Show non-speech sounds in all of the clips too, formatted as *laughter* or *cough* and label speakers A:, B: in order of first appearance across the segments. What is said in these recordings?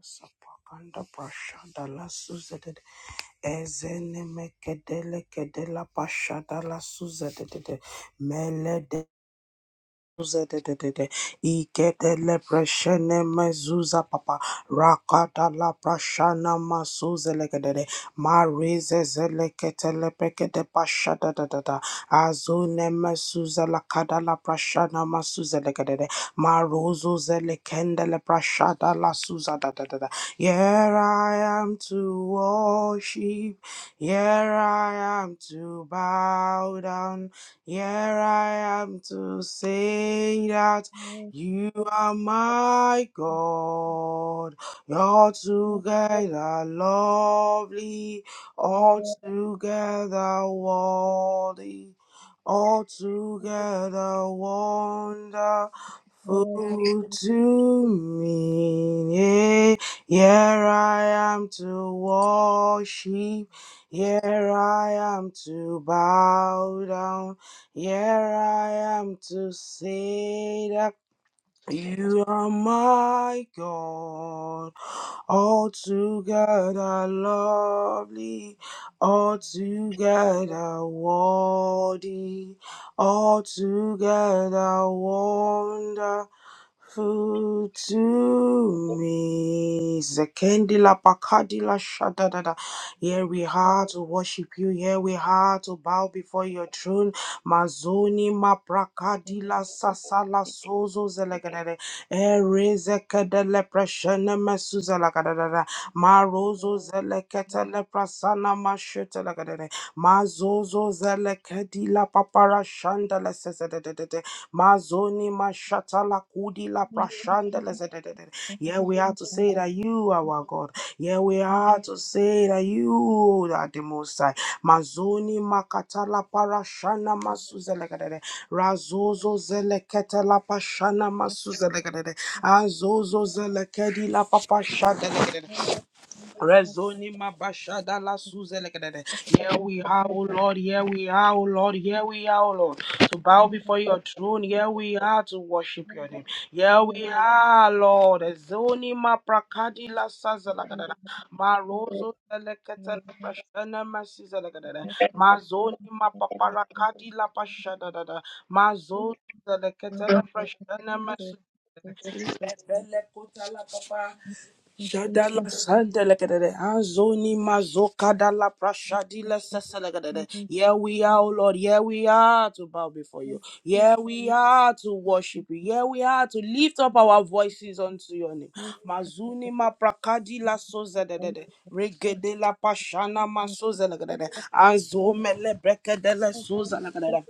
A: Sapakanda Prashada la Suzette Ezene Mekedele Kedela Pashada la Suzette Mele Zedededede. Ikete lepreshene mezuza papa. Rakata la prashana masuze legedede. Marize zelekete lepekete pasha dadadada. Azune mesuze la kada la prashana masuze legedede. Maruzu zelekende le prashada la suza dadadada. Here I am to worship. Here I am to bow down. Here I am to say that you are my God. You're together lovely, all together worthy, all together wonderful. Full to me, yeah, here I am to worship, here I am to bow down, here I am to say that you are my God, altogether lovely, altogether worthy, altogether wonderful. Food to me. Zekendila Bakadila Shadadada. Here we are to worship you. Here we are to bow before your throne. Mazoni Maprakadila Sasala Sozo Zelegadere. Ere Zekadele Preshene Marozo zelekete leprasana mashete legedede. Mazozo zelekedi la papara shanda le sezedededede. Mazoni mashata la kudi la prashanda le zedededede. Yeah, we are to say that you are our God. Yeah, we are to say that you are the Most High. Mazoni makata la parashana masuzelegedede. Razozo zelekete la pashana masuzelegedede. Azozo zelekedi la papashanda Rezoni mabashada la suzelekadede. Here we are, O Lord. Here we are, O Lord. Here we are, O Lord. To bow before your throne. Here we are to worship your name. Here we are, Lord. Zoni maprakadi la sazelekadede. Marozo zelekete la pashana masizelekadede. Mazoni mapaparakadi la pashadadada. Mazozo zelekete la pashana masu. Belekota la papa. Shadala Sandalagadada, Azoni Mazokadala Prashadila Sasalagadada. Yeah, we are, oh Lord. Yeah, we are to bow before you. Yeah, we are to worship you. Yeah, we are to lift up our voices unto your name. Mazuni Maprakadila Sozadadada, Regedela Pashana Masozalagadada, Azomele Brekadela Sozalagadada.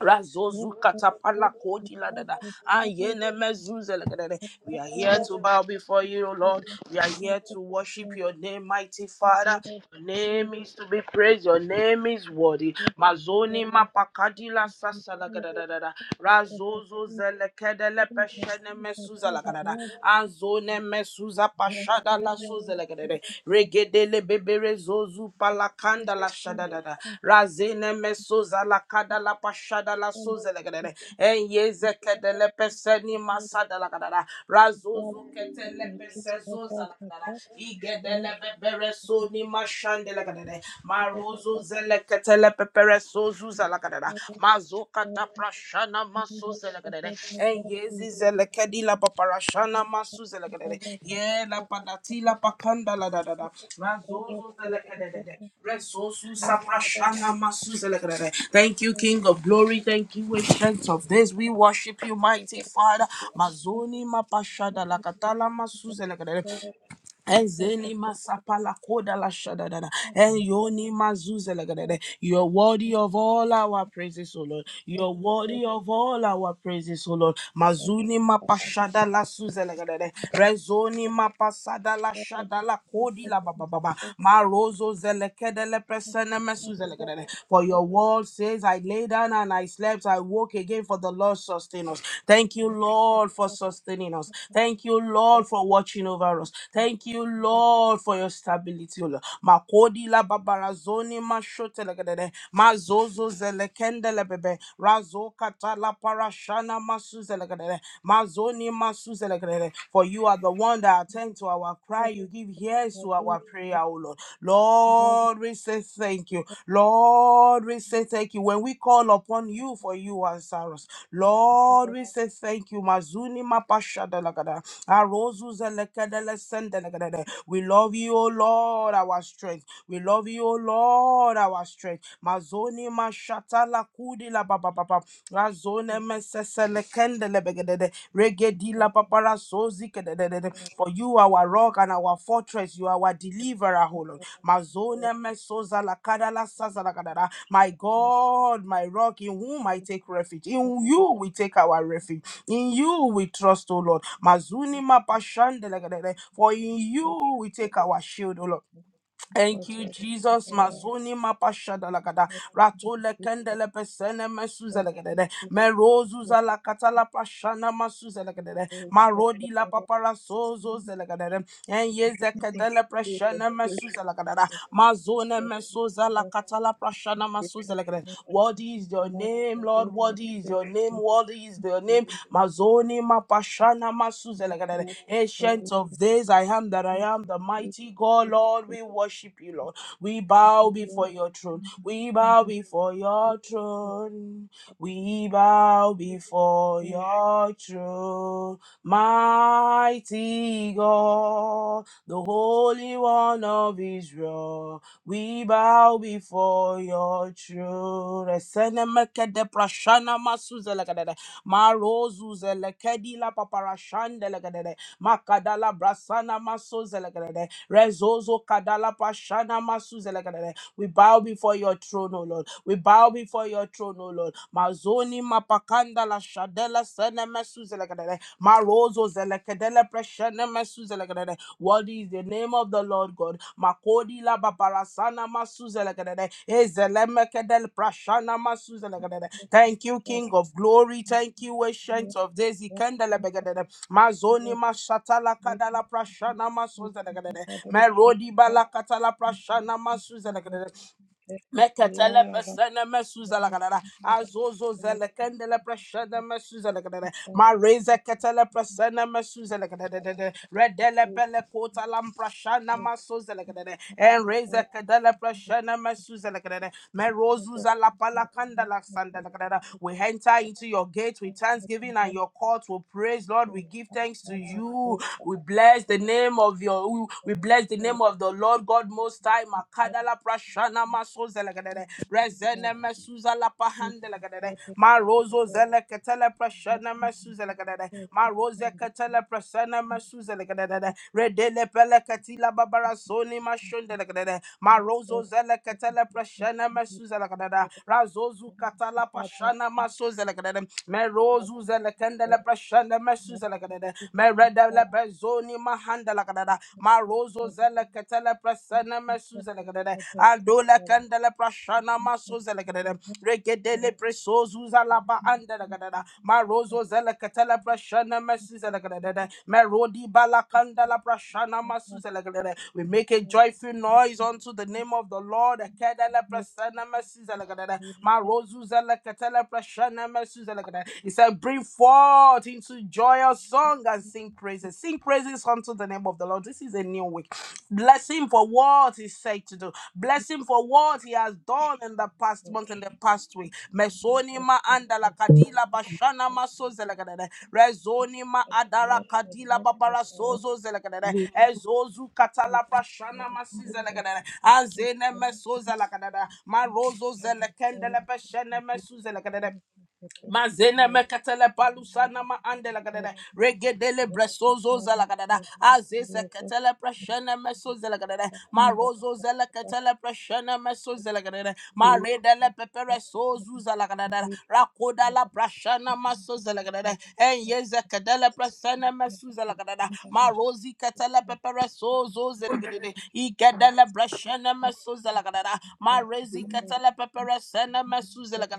A: Razozu katapala kodi la da Ayene mezuze la da We are here to bow before you, O Lord. We are here to worship your name, mighty Father. Your name is to be praised. Your name is worthy. Mazoni mapakadi la sasa la da da da da. Razozo zele kede le peshene mesuza la da da. Anzone mesuza shada la soze legedede. Regedele bebere zozu palakanda la shada da, dada. Razene mesoza la kada la pashada la soze legedede. Enyeze kedele peseni masada la kada kadada. Razozu ketele pese zoza la kada kadada. Igedele bebere soni mashande la kadada. Marozo zele ketele pepere sozu za la kada da mazuka taprashana masuzelekedede eyezizelekedi la paparashana masuzelekedede ye la padati la pakanda la da da da mazuzelekedede resosu saprashana masuzelekedede thank you king of glory thank you ancient of days we worship you mighty father mazoni mapashada la katala masuzelekere Ezeni masapala koda la shadadada. Eyoni mazuzelagadada. You're worthy of all our praises, O Lord. You're worthy of all our praises, O Lord. Mazuni mapashada la suzelagadada. Rezoni mapasada la shada la kodi la baba baba. Marozo zelekedele presene mesuzelagadada. For your word says, I lay down and I slept. I woke again for the Lord sustain us. Thank you, Lord. Lord, for sustaining us. Thank you, Lord, for watching over us. Thank you, Lord, for your stability, O Lord. Makodi la babarazoni mashote legedede. Mazozo zelekende lebebe. Razo kata la parashana masuze legedede. Mazoni masuze legedede. For you are the one that attend to our cry. You give ears to our prayer, O Lord. Lord, we say thank you. Lord, we say thank you. When when we call upon you, for you answer us. Lord, we say thank you. Mazuni mapashadalagada. Arozuzelekedelesendelegedede. We love you, O Lord, our strength. We love you, O Lord, our strength. Mazoni mashatala kudila babababa. Razone meseselekendelebegedede. Regedila paparasozikedededede. For you, our rock and our fortress, you are our deliverer, O Lord. Mazone mesoza la kada la saza la kada da. My God, my rock, in whom I take refuge. In you we take our refuge. In you we trust, O Lord. Mazuni ma pashande la kada da. For in you we take our shield, O Lord. Thank you, Jesus. Mazoni mapashada lagada. Ratole kendele pesene mesuze lagade. Merozuza la katala pashana masuze lagade. Marodi la papara sozo zelagade. Enye zekedele preshene mesuze lagada. Mazone mesuza la katala Kashana Masuzelekere. Worthy is your name, Lord. Worthy is your name. Worthy is your name. Mazoni Mapashana Masuzelekere. Ancient of days, I am that I am, the mighty God, Lord. We worship you, Lord. We bow before your throne. We bow before your throne. We bow before your throne. Mighty God, the Holy One of Israel. We bow before your throne. Esenemeke de prashana masuzelekedede. Marozuzelekedi la paparashandelekedede. Makadala brasana masuzelekedede. Rezozo kadala prashana masuzelekedede. We bow before your throne, O Lord. We bow before your throne, O Lord. Mazoni mapakanda la shadela senemesuzelekedede. Marozo zelekedele preshene what is the name of the Lord God? Makodi la babarasana masuzelekedede. Ezelemekedel prashana masuzelekedede. Thank you, King of Glory. Thank you, Ancient of Days. Ikendelebegedede. Mazoni mashatala kadala prashana masuzelekedede. Merodi balakatala prashana masuzelekedede. Mekatele pesene mesuza la kadada. Azozo zele kendele preshene mesuza la kadada. Mareze ketele presene mesuza la kadada. Redele pele kota lam prashana masoza la kadada. Enreze kedele preshene mesuza la kadara. Merozuza la palakanda la sanda la kadada. We enter into your gate with thanksgiving and your court with praise, Lord. We give thanks to you. We bless the name of your. We bless the name of the Lord God Most High. Makada la prashana masoza la kadada. Rezene mesuza la pahanda la kadada. Marozo zele ketele prashana mesuza la kadada. Maroze ketele prashana suzelekadede redele pelekatila babara soni mashondelekadede marozo zelekatele preshene mesuzelekadede razozu katala pashana masozelekadede merozu zelekendele preshene mesuzelekadede meredele bezoni mahandelekadede marozo zelekatele presene mesuzelekadede adole kendele prashana masozelekadede regedele presozuza laba anda da gadada marozo zela katela prashana masuza la gadada merodi balakanda la prashana masuza la gadada we make a joyful noise unto the name of the Lord kedele prasana masuza la gadada marozo zela katela prashana masuza la gadada he said bring forth into joyous song and sing praises sing praises unto the name of the Lord Lord. This is a new week. Bless him for what he said to do. Bless him for what he has done in the past month and the past week. Mesoni ma andala
B: Let
A: kadila bashana maso zelegadede. Rezoni ma adara kadila babara sozo zelegadede.
B: me
A: Ezozu katala prashana masi zelegadede. Anzene meso zelegadede. Marozo zelekendele peshene mesu zelegadede. Mazene mekatele palusana ma andela gadada regedele bresozo zela gadada azeze ketele preshene meso zela gadada marozo zela ketele preshene meso zela gadada maredele pepere sozu zela gadada rakoda la prashana maso zela gadada enyeze kedele preshene meso zela gadada marozi ketele pepere sozo zela gadada igedele breshene meso zela gadada marezi ketele pepere sene meso zela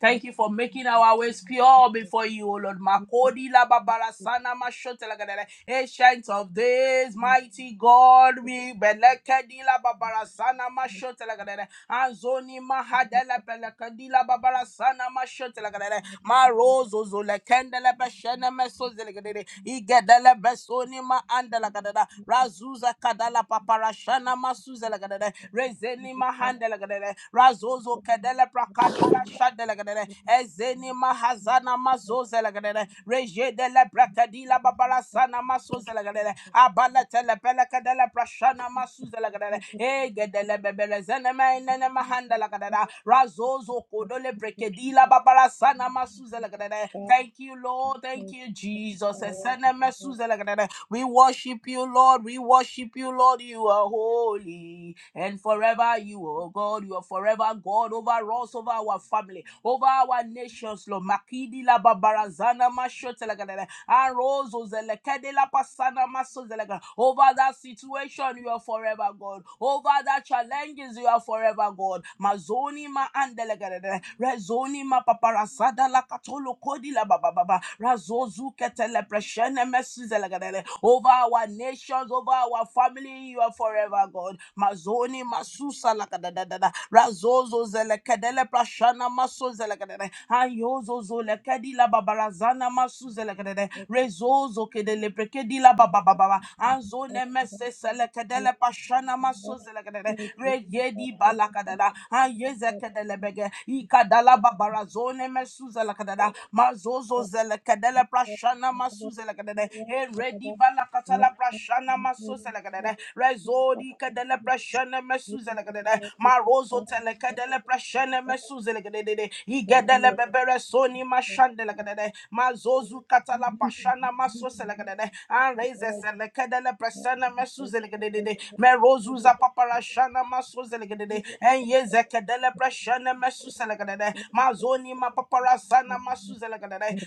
A: Thank you for making our ways pure before you, O Lord. Makodi la babara sana mashote lagadere. Ancient of days, mighty God, we belekedi la babara sana mashote lagadere. Anzoni mahadele pelekedi la babara sana mashote lagadere. Marozo zulekendele beshene mesoze lagadere. Igedele besoni ma andela gadere. Razuza kadala paparashana masuze lagadere. Rezeni mahandela gadere. Razozo kedele prakadila shadela gadere. Ezeni mahazana mazozela gadere. Rejedele prakadila babala sana masozela gadere. Abala tele pele kedele prashana masuzela gadere. Egedele bebele zene mainene mahandela gadere. Razozo kodole prekedila babala sana masuzela gadere. Thank you, Lord. Thank you, Jesus. Esene mesuzela gadere. We worship you, Lord. We worship you, Lord. You are holy and forever you, oh God. You are forever God over us, over our family, over our nations, Lord. Makidi la babarazana mashotelagadele. Arozo zelekede la pasana masozelega. Over that situation, you are forever God. Over that challenges, you are forever God. Mazoni ma andelegadele. Rezoni ma paparasada la katolo kodi la bababa. Razozu ketele preshene mesizelagale. over our nations, over our family, you are forever, God. Mazoni masusa lakadadadada razozo zelekadele prashana maso zelekadele ayozo zolekadila babarazana maso zelekadele rezozo kedele prekedila babababa anzone mese selekadele prashana maso zelekadele reyedi balakadala ayezekadele bege ikadala babarazone mesu zelekadele mazozo zelekadele prashana maso zelekadele eredi katala prashana masuzela kadada rezodi kadala prashana masuzela kadada marozo tele kadala prashana masuzela kadada igadala bebere soni mashandela kadada mazozu katala prashana masuzela kadada and rezesele kadala prashana masuzela kadada merozu za paparashana masuzela kadada and yezekadala prashana masuzela kadada mazoni ma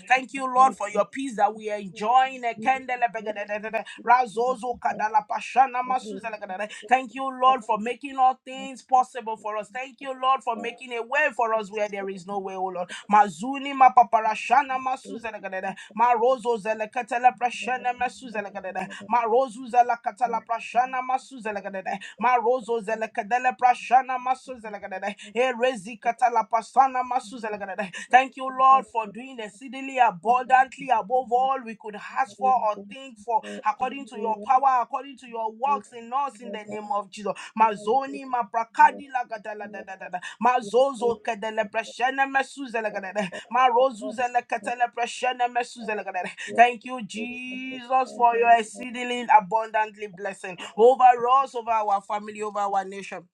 A: Thank you, Lord, for your peace that we are enjoying. Thank you, Lord, for making all things possible for us. Thank you, Lord, for making a way for us where there is no way, oh Lord. Mazuni mapaparashana masuzelegadede. Marozo zelekatele prashana masuzelegadede. Marozu zelekatele prashana masuzelegadede. Marozo zelekadele prashana masu zelekadele. Erezi katala pasana masu zelekadele. Thank you, Lord, for doing exceedingly abundantly above all we could ask for or think for, according to your power, according to your works in us, in the name of Jesus. Mazoni maprakadi lagadala da da da da. Mazozo kadele prashana masu zelekadele. Marozu zelekatele prashana masu zelekadele. Thank you, Jesus, for your exceedingly abundantly blessing over us, over our family, over our nation.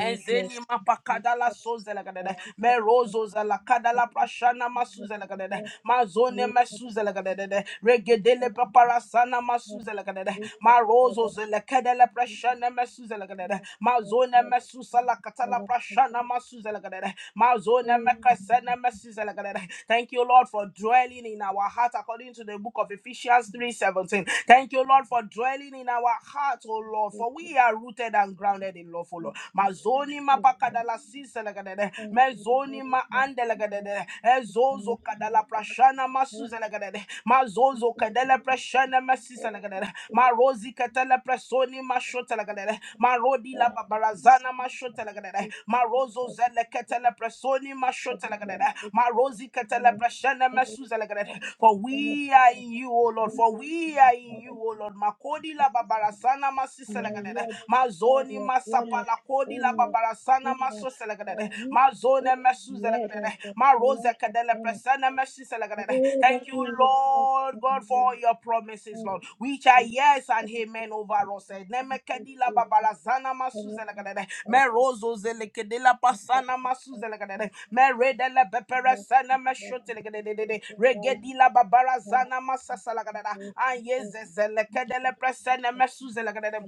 A: Ezeni mapakadala sozelagadede. Merozo zelakadala prashana masuzelagadede. Mazone mesuzelagadede. Regedele paparasana masuzelagadede. Marozo zelakadele prashana mesuzelagadede. Mazone mesusalakatala prashana masuzelagadede. Mazone mekresene mesuzelagadede. Thank you, Lord, for dwelling in our heart according to the book of Ephesians 3:17. Thank you, Lord, for dwelling in our heart. O Lord, for we are rooted and grounded in love, O Lord mazoni mapakadala siselegadede mezoni maandelegadede ezozo kadala prashana masuzelegadede mazozo kadala prashana masisa, masiselegadede marozi katala prasoni mashotelegadede Marodi la babarazana mashotelagadere. Marozo zele ketele presoni mashotelagadere. Marozi ketele preshene mesuzelagadere. For we are in you, O Lord. For we are in you, O Lord. Makodi la babarasana masiselagadere. Mazoni masapala kodi la babarasana masoselagadere. Mazone mesuzelagadere. Maroze kedele Thank you, Lord God, for your promises, Lord, which are yes and amen over us. Nemekedila babalazana masuzelagadada. Merozo zelekedela pasana masuzelagadada. Meredele beperesana meshotelegadadadada. Regedila babarazana masasalagadada. Anyezezelekele presene mesuzelagadada.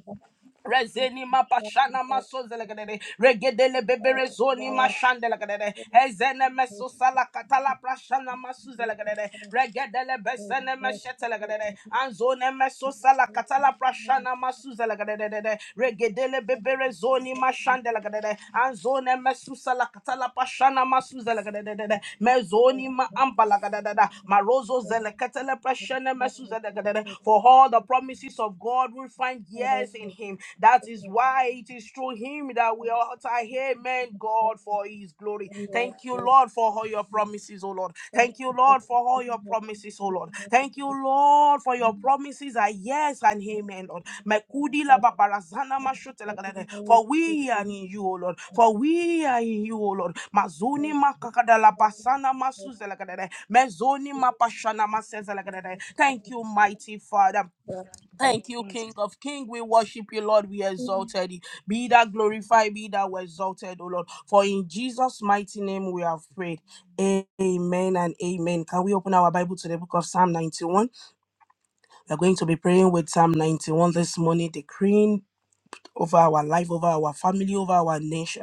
A: Rezeni mapashana masozelegadere. Regedele bebere zoni mashandelegadere. Ezene mesosala katala prashana masuzelegadere. Regedele besene meshetelegadere. Anzone mesosala katala prashana masuzelegadere. Regedele bebere zoni mashandelegadere. Anzone mesusala katala prashana masuzelegadere. Mezoni ma ampalagadere. Marozo zeleketele prashana mesuzelegadere. For all the promises of God we find yes in him. That is why it is through him that we are utter amen, God, for his glory. Thank you, Lord, for all your promises, O Lord. Thank you, Lord, for all your promises, O Lord. Thank you, Lord, for your promises are yes and amen, Lord. Mekudi la babarazana mashute la galede. For we are in you, O Lord. For we are in you, O Lord. Mazuni makakada la basana masuze la galede. Mezoni mapashana maseze la galede. Thank you, mighty Father. Thank you, King of King. We worship you, Lord. We exalted you. Be that glorified, be that exalted, O Lord. For in Jesus' mighty name we have prayed. Amen and amen. Can we open our Bible to the book of Psalm 91? We're going to be praying with Psalm 91 this morning, decreeing over our life, over our family, over our nation.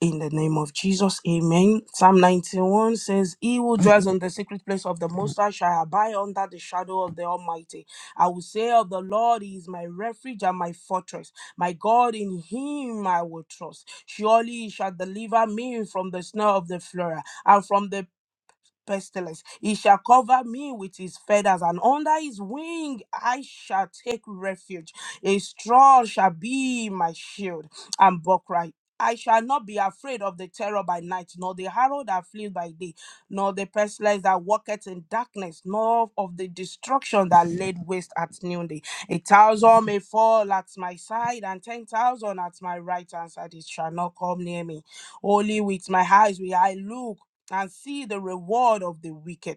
A: In the name of Jesus, amen. Psalm 91 says, He who dwells in the secret place of the Most High shall abide under the shadow of the Almighty. I will say of the Lord, He is my refuge and my fortress. My God, in Him I will trust. Surely He shall deliver me from the snare of the fowler and from the." pestilence. He shall cover me with his feathers, and under his wing I shall take refuge. A straw shall be my shield and buckler. I shall not be afraid of the terror by night, nor the arrow that flees by day, nor the pestilence that walketh in darkness, nor of the destruction that laid waste at noonday. A thousand may fall at my side, and ten thousand at my right hand side. It shall not come near me. Only with my eyes will I look and see the reward of the wicked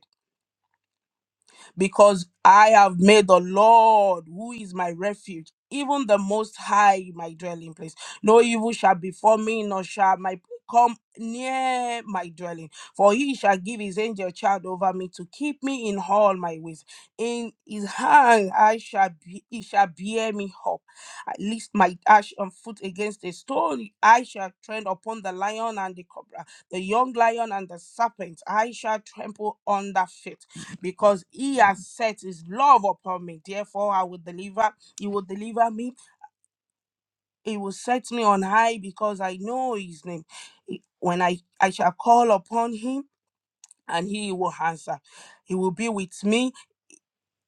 A: because I have made the Lord, who is my refuge, even the Most High, my dwelling place. No evil shall befall me, nor shall my come near my dwelling. For he shall give his angel child over me to keep me in all my ways. In his hand I shall be, he shall bear me up. At least my dash and foot against a stone. I shall tread upon the lion and the cobra, the young lion and the serpent. I shall trample under feet because he has set his love upon me. Therefore, I will deliver. He will deliver me. He will set me on high because I know his name. He- When I, I shall call upon him and he will answer. He will be with me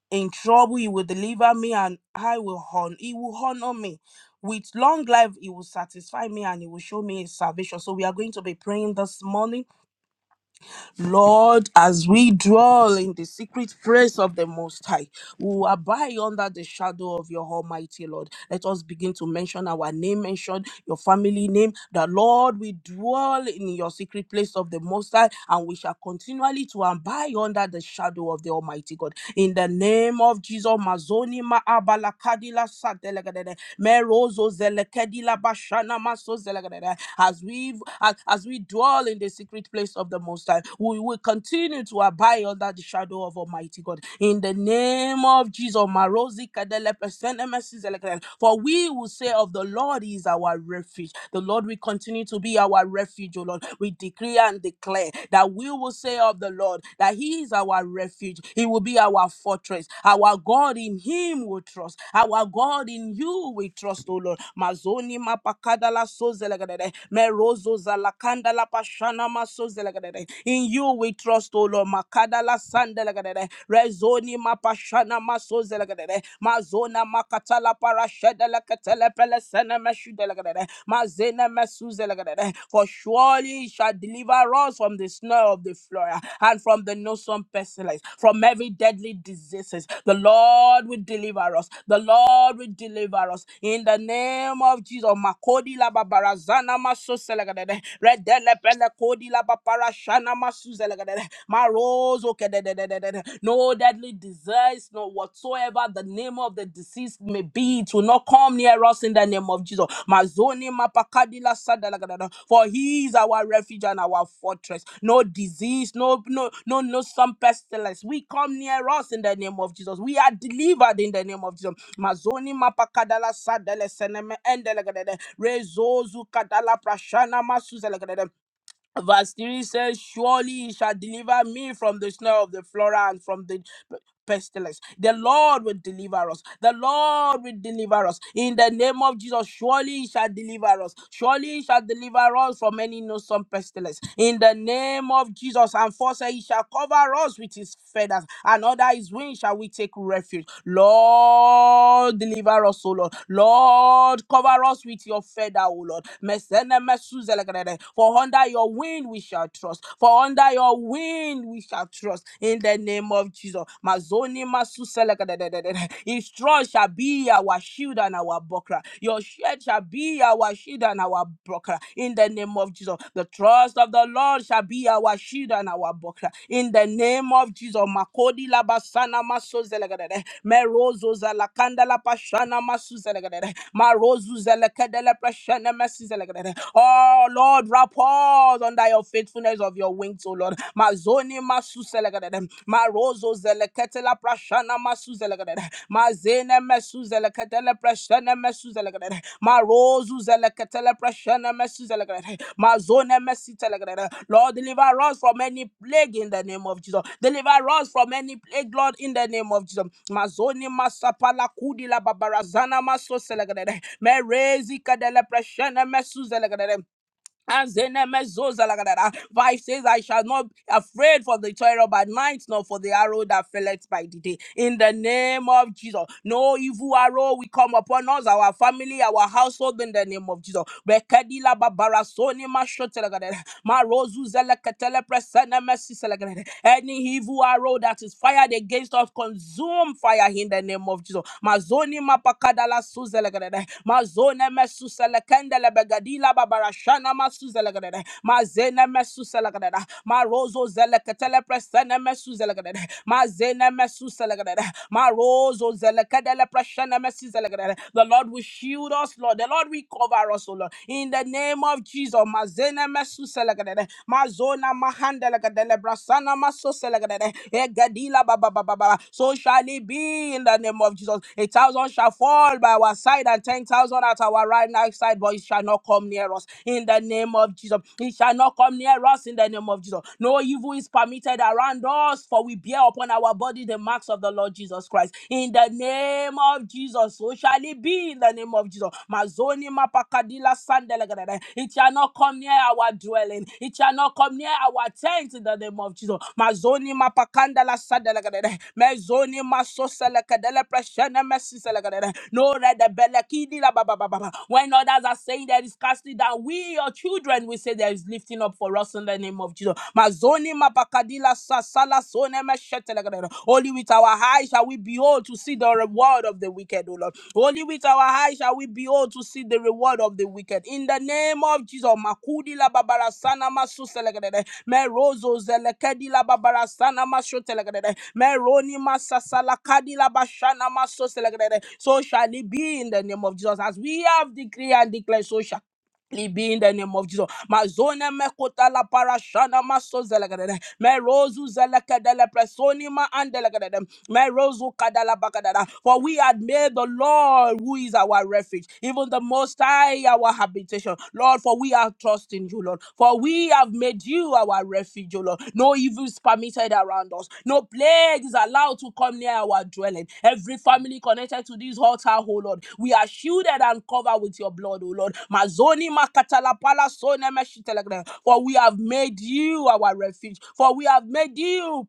A: in trouble. He will deliver me and I will honor. He will honor me. With long life, he will satisfy me and he will show me his salvation. So we are going to be praying this morning. Lord, as we dwell in the secret place of the Most High. We will abide under the shadow of your Almighty Lord. Let us begin to mention our name, mention your family name. The Lord, we dwell in your secret place of the Most High, and we shall continually to abide under the shadow of the Almighty God. In the name of Jesus, Mazoni ma abalakadila satelegadede, merozo zelekedila bashana maso zelegadede. as we as, as we dwell in the secret place of the Most High, we will continue to abide under the shadow of Almighty mighty God. In the name of Jesus, Marozi Kadele Pesene Mesi Zelekele. for we will say of the Lord is our refuge. The Lord will continue to be our refuge, O Lord. We decree and declare that we will say of the Lord that He is our refuge. He will be our fortress. Our God in Him we trust. Our God in You we trust, O Lord. Mazoni mapakadala sozelegadede. Merozo zalakandala pashana masozelegedede. In You we trust, O Lord. Lord. Makadala Sandelagadere, Rezoni Mapashana Masozelagadere, Mazona Makatala Parashedela Katele Pelesena Mazene Mazena Mesuzelagadere. For surely he shall deliver us from the snare of the flora and from the noisome pestilence, from every deadly diseases. The Lord will deliver us. The Lord will deliver us. In the name of Jesus. Makodi la babarazana maso selegadere. Redele pele kodi la shana masuzelegadere. My rose, okay, no deadly disease, no whatsoever the name of the disease may be, it will not come near us in the name of Jesus. Mazoni mapakadila sadelegadere. For he is our refuge and our fortress. No disease, no no no no some pestilence. We come near us in the name of Jesus. We are delivered in the name of Jesus. Mazoni mapakadala sadele seneme endelegadere. Rezozu kadala prashana masuzelagada. Verse 3 says, Surely he shall deliver me from the snare of the flora and from the pestilence. The Lord will deliver us. The Lord will deliver us. In the name of Jesus, surely he shall deliver us. Surely he shall deliver us from any noisome pestilence. In the name of Jesus, and for say he shall cover us with his feathers, and under his wings shall we take refuge. Lord, deliver us, O Lord. Lord, cover us with your feather, O Lord. Mesene mesuzelegrede. For under your wing we shall trust. For under your wing we shall shall trust in the name of Jesus. Mazoni masuselekadadadadada. His trust shall be our shield and our buckler. Your shield shall be our shield and our buckler in the name of Jesus. The trust of the Lord shall be our shield and our buckler in the name of Jesus. Makodi labasana masozelekadadada. Merozo zalakanda la pashana, masuzelekadadada. Marozu zelekedele prashana masuzelekadadada. Oh Lord, wrap us under your faithfulness faithfulness of your wings, O Lord. Mazoni masu zelegadede. Marozo zelekete la prashana masu zelegadede. Mazene mesu zelekete le prashana mesu zelegadede. Marozu zelekete le prashana mesu zelegadede. Mazone mesi telegadede. Lord, deliver us from any plague in the name of Jesus. Deliver us from any plague, Lord, in the name of Jesus. Mazoni masapala kudi la babarazana maso zelegadede. Merezi kadele prashana mesu zelegadede. Azenemezozaladada. Five says, I shall not be afraid for the terror by night, nor for the arrow that felleth by the day. In the name of Jesus, no evil arrow will come upon us, our family, our household, in the name of Jesus. Bekedila babara soni mashotelagada. Marozu zelekatele presene mercy, selegrede. Any evil arrow that is fired against us, consume fire in the name of Jesus. Mazoni mapakadala suzelegrede. Mazone mesu selekendele begadila babarashana masu zelegrede. Mazene mesu selegrede. Marozo zelekatele presene mesu zelegrede. Mazene mesu selegrede. Marozo zelekadele presene mercy, zelegrede. The Lord will shield us us, Lord. The Lord will cover us, O Lord. In the name of Jesus. Mazene mesu selegadede. Mazona mahandelegadele. Brasana maso selegadede. Egadila ba ba ba So shall it be in the name of Jesus. A thousand shall fall by our side and ten thousand at our right hand side, but it shall not come near us. In the name of Jesus. It shall not come near us in the name of Jesus. No evil is permitted around us, for we bear upon our body the marks of the Lord. Jesus Christ. In the name of Jesus, so shall it be in the name of Jesus. Mazoni mapakadila sandelegadada. It shall not come near our dwelling. It shall not come near our tent in the name of Jesus. Mazoni mapakandala sandelegadada. Mezoni masoselekadele preshene mesiselegadada. No redebelekidi la ba ba ba ba ba. When others are saying there is casting down, we your children, we say there is lifting up for us in the name of Jesus. Mazoni mapakadila sasala sone meshetelegrero. Only with our eyes shall we behold to see the reward of the wicked, O Lord. Only with our eyes shall we behold to see the reward of the wicked. In the name of Jesus, Makudi makudila babarasana masuselegrero. Merozo zelekadila babarasana masotelegrero. Meroni masasala kadila bashana masoselegrero. So shall it be in the name of Jesus. As we have decreed and declared, so shall be in the name of Jesus. Mazone me kota la parashana maso zelegadede. Me rozu zelekedele presoni ma andelegadede. Me rozu kadala bakadada. For we had made the Lord who is our refuge, even the Most High our habitation. Lord, for we are trusting you, Lord. For we have made made you our refuge, O Lord. No evil is permitted around us. No plague is allowed to come near our dwelling. Every family connected to this altar, O Lord, we are shielded and covered with your blood, O Lord. Mazoni makatala pala sone meshitelegra. For we have made you our refuge. For we have made you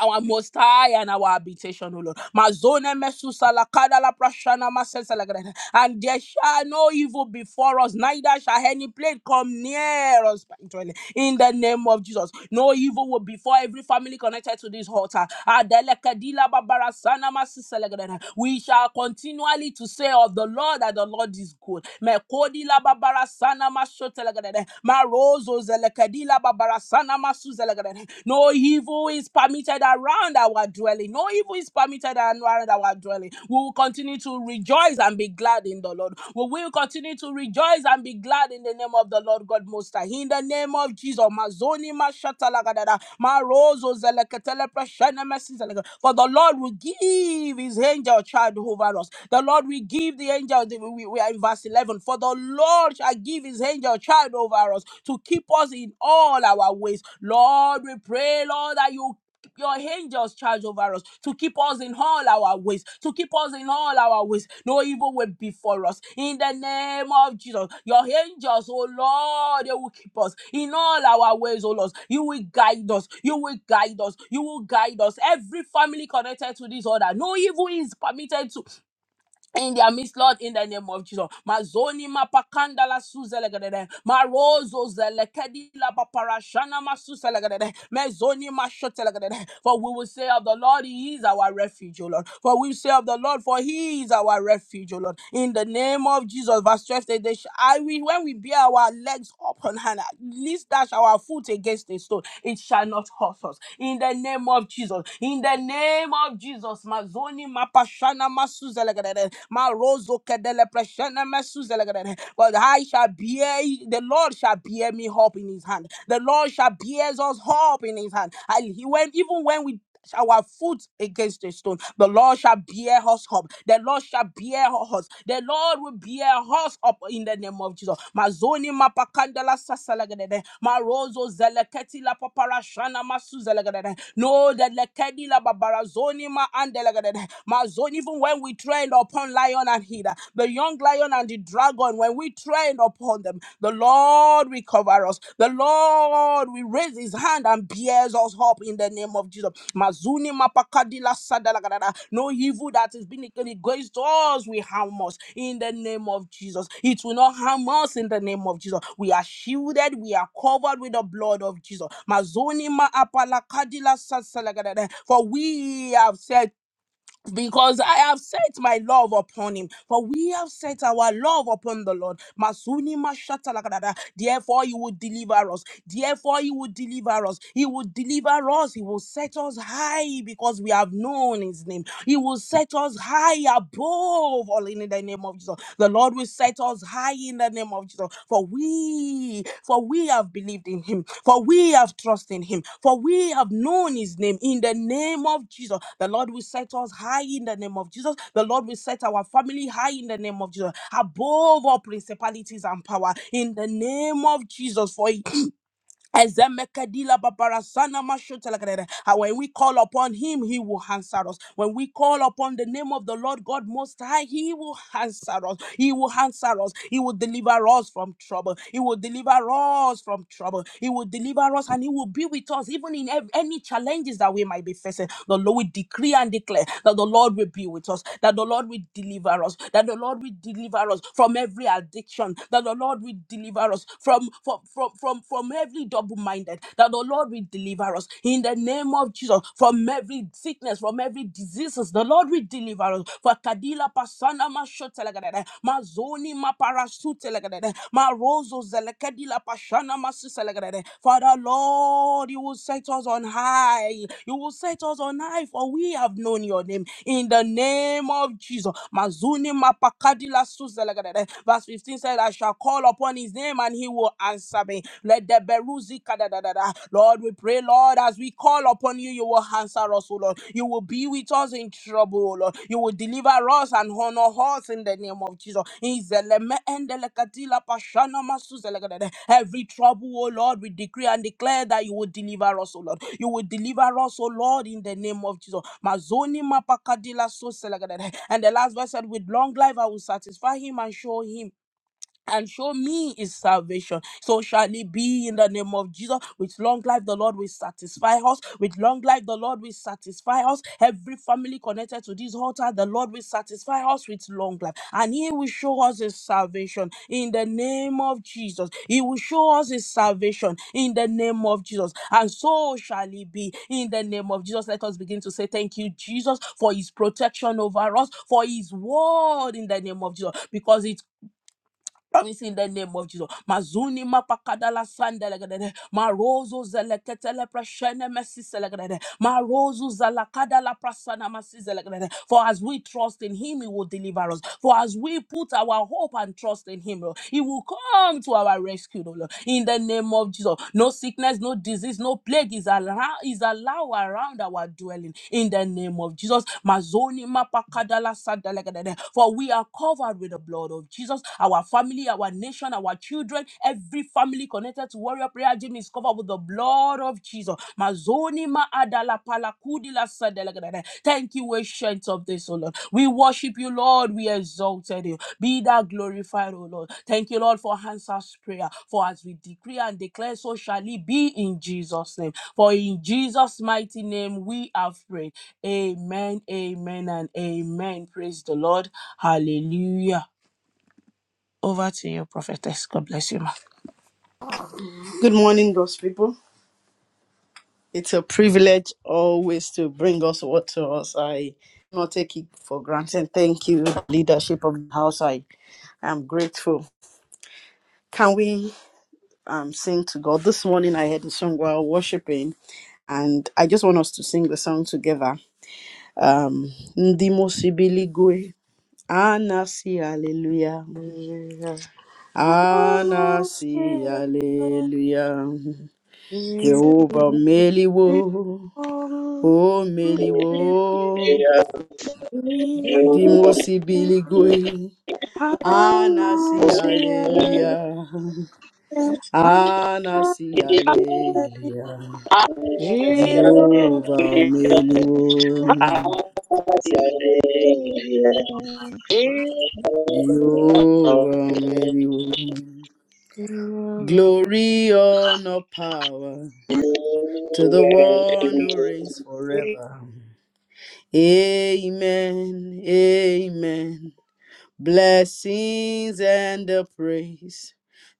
A: our most high and our habitation, O Lord. Mazone mesusa la kada la prashana masesa la grada. And there shall no evil before us, neither shall any plague come near us. punctually. In the name of Jesus, no evil will before every family connected to this altar. Adele kadila babara sana masesa la grada. We shall continually to say of the Lord that the Lord is good. Mekodi la babara sana masote la grada. Marozo Dila Babarasana Masuzelegrede. No evil is permitted around our dwelling. No evil is permitted around our dwelling. We will continue to rejoice and be glad in the Lord. We will continue to rejoice and be glad in the name of the Lord God Most High. In the name of Jesus, Mazoni Mashatalagadada, Marozo Zeleketele Preshene Mesizelega. For the Lord will give His angel child over us. The Lord will give the angel. we we are in verse eleven. For the Lord shall give his angel charge over us to keep us in all our ways. Lord, we pray, Lord, that you your angels charge over us to keep us in all our ways, to keep us in all our ways. No evil will be for us. In the name of Jesus, your angels, oh Lord, they will keep us in all our ways, oh Lord. You will guide us. You will guide us. You will guide us. Every family connected to this order, no evil is permitted to in their midst, Lord, in the name of Jesus. Mazoni mapakanda la suzelegadede. Marozo zelekedi la paparashana masuselegadede. Mezoni mashotelegadede. For we will say of the Lord, He is our refuge, O Lord. For we say of the Lord, for He is our refuge, O Lord. In the name of Jesus, verse 12, says, they sh- I will, when we bear our legs up on least dash our foot against a stone, it shall not hurt us. In the name of Jesus, in the name of Jesus, Mazoni mapashana masuzelegrede, marozo kedele preshene mesuzelegrede. But I shall bear, the Lord shall bear me up in his hand. The Lord shall bear us up in his hand. And he went, even when we our foot against a stone. The Lord shall bear us up. The Lord shall bear us. The Lord will bear us up in the name of Jesus. Mazoni mapakandala sasalagade. Marozo zeleketi la paparashana masu zelagade. No the lekedi la babarazoni ma andelagade. Mazon, even when we trained upon lion and hida, the young lion and the dragon, when we trained upon them, the Lord will cover us. The Lord will raise his hand and bears us up in the name of Jesus. Mazuni mapakadila sadalagadada. No evil that is being against us will harm us in the name of Jesus. It will not harm us in the name of Jesus. We are shielded, we are covered with the blood of Jesus. Mazuni maapalakadila sasalagadada. For we have said because I have set my love upon him. For we have set our love upon the Lord. Masuni mashata Therefore, he will deliver us. Therefore, he will deliver us. He will deliver us. He will set us high because we have known his name. He will set us high above all in the name of Jesus. The Lord will will set us high in the name of Jesus. For we, for we have believed in him, for we have trusted in him, for we have known his name in the name of Jesus. The Lord will set us high in the name of Jesus. The Lord will set our family high in the name of Jesus, above all principalities and power in the name of Jesus. For Ezemekadila babarasana mashotelekadere. And when we call upon him, he will answer us. When we call upon the name of the Lord God Most High, he will answer us. He will answer us. He will deliver us from trouble. He will deliver us from trouble. He will deliver us and he will be with us even in ev- any challenges that we might be facing. The Lord will decree and declare that the Lord will be with us, that the Lord will deliver us, that the Lord will deliver us from every addiction, that the Lord will deliver us from from from from, from every double-minded, that the Lord will deliver us in the name of Jesus from every sickness, from every diseases. The Lord will deliver us. For Kadila Pasana Mashotelagadada, Mazoni Maparasutelagadada, Marozo Zelekadila Pashana Masuselagadada. Father Lord, you will set us on high. You will set us on high, for we have known your name in the name of Jesus. Mazuni mapakadila suzelegadede. Verse 15 said, I shall call upon his name and he will answer me. Let the beruzi kadadadada. Lord, we pray, Lord, as we call upon you, you will answer us, O Lord. You will be with us in trouble, O Lord. You will deliver us and honor us in the name of Jesus. Izeleme endelekatila pashana masuzelegadede. Every trouble, O Lord, we decree and declare that you will deliver us, O Lord. You will deliver us, O Lord, in the name of Jesus. Mazoni mapakadila so selagada. And the last verse said, With long life I will satisfy him and show him and show me his salvation. So shall it be in the name of Jesus. With long life, the Lord will satisfy us. With long life, the Lord will satisfy us. Every family connected to this altar, the Lord will satisfy us with long life. And he will show us his salvation in the name of Jesus. He will show us his salvation in the name of Jesus. And so shall it be in the name of Jesus. Let us begin to say thank you, Jesus, for his protection over us, for his word in the name of Jesus, because it Promise in the name of Jesus. Mazuni mapakadala sandelegadede. Marozo zeleketele prashene mesi Marozo zalakadala prasana masi For as we trust in him, he will deliver us. For as we put our hope and trust in him, Lord, he will come to our rescue, oh Lord. In the name of Jesus. No sickness, no disease, no plague is allowed is allowed around our dwelling. In the name of Jesus. Mazoni mapakadala sandelegadede. For we are covered with the blood of Jesus us, our family, our nation, our children, every family connected to Warrior Prayer Gym is covered with the blood of Jesus. Mazoni ma adala palakudi la sadelagada. Thank you, ancient of this, O Lord. We worship you, Lord. We exalted you. Be thou glorified, O Lord. Thank you, Lord, for answers prayer. For as we decree and declare, so shall it be in Jesus' name. For in Jesus' mighty name we have prayed. Amen, amen, and amen. Praise the Lord. Hallelujah. Over to you, prophetess. God bless you, ma.
C: Good morning, God's people. It's a privilege always to bring us what to us. I not take it for granted. Thank you, leadership of the house. I am grateful. Can we um, sing to God? This morning I heard the song while worshiping, and I just want us to sing the song together. Um, Ndimo Sibiligwe, Anasi Hallelujah,
A: Jesus,
C: Anasi Hallelujah, Jehovah Meliwo. O
D: Thank
C: meliwo
A: Jesus,
C: dimosi biligwe
A: have
C: anasi
A: mercy,
C: aleluya anasi
A: Hallelujah.
C: aleluya
A: Jehovah,
C: Jehovah meliwo Jehovah meliwo
A: Jehovah,
C: Glory, honor, power to the one who reigns
D: you.
C: forever. Amen. Amen. Blessings and the praise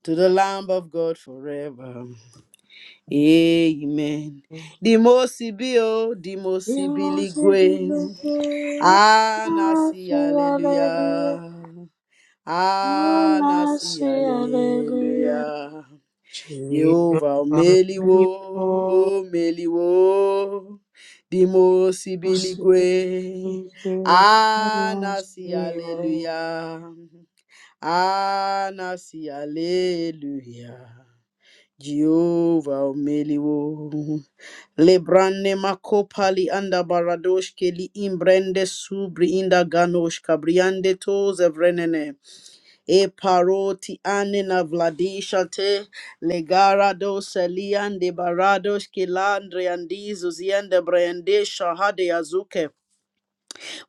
C: to the Lamb of God forever. Amen. Dimosibio,
A: you must be the
C: dimosibiligwe.
A: mercy,
C: Anasi,
A: Hallelujah.
C: hallelujah.
A: Have
C: Anasi,
A: mercy, hallelujah.
C: hallelujah. Jehovah
A: Jehovah,
C: omeliwo, omeliwo. Dimosibiligwe. Anasi, hallelujah. Anasi, Alleluia. Jehovah Omeliwo. Lebrane makopali anda baradosh keli imbrende subri inda ganosh kabriande toze vrenene E paroti ane na vladisha te legara dose liande baradosh kilandre andizo ziende brende shahade azuke.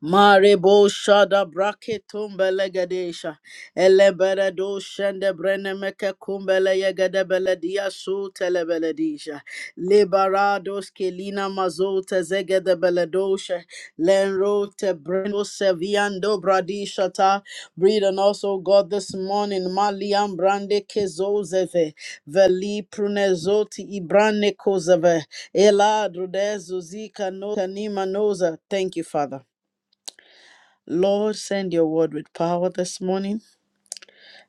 C: Marebo shada brake tumbelegadesha. Eleberedo shende brenemeke kumbele yegede beledia su telebeledisha. Liberado skelina mazote zegede beledosha. Lenrote breno seviando bradisha ta. Breathe on us, O God, this morning. Maliam brande kezozeve. Veli prunezoti ibrane kozeve. Ela drudezu zika no kanima noza. Thank you, Father. Lord, send your word with power this morning.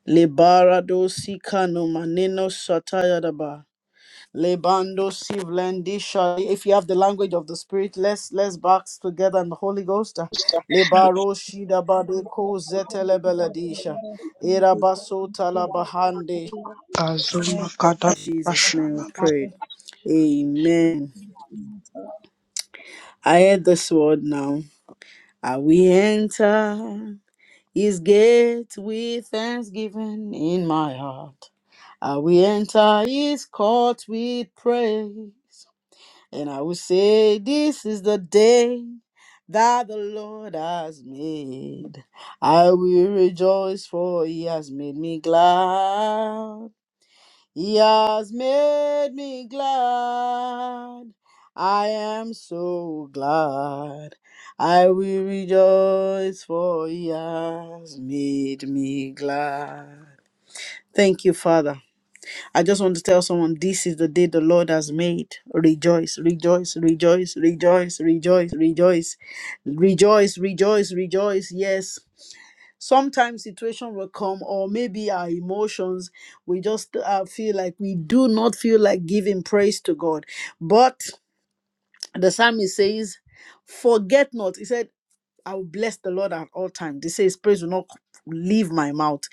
C: Lebarado sikano maneno shatayadaba. Lebando sivlendi sha- If you have the language of the spirit, let's let's box together in the Holy Ghost. Lebaro shidabade ko zetelebeladisha. Erabaso talabahande. Jesus' name we prayed. Amen. I heard this word now. I we enter. His gate with thanksgiving in my heart. I will enter his court with praise. And I will say, This is the day that the Lord has made. I will rejoice, for he has made me glad. He has made me glad. I am so glad. I will rejoice for he has made me glad. Thank you, Father. I just want to tell someone this is the day the Lord has made. Rejoice, rejoice, rejoice, rejoice, rejoice, rejoice, rejoice, rejoice, rejoice. Yes sometimes situation will come or maybe our emotions we just uh, feel like we do not feel like giving praise to god but the psalmist says forget not he said i will bless the lord at all times he says praise will not leave my mouth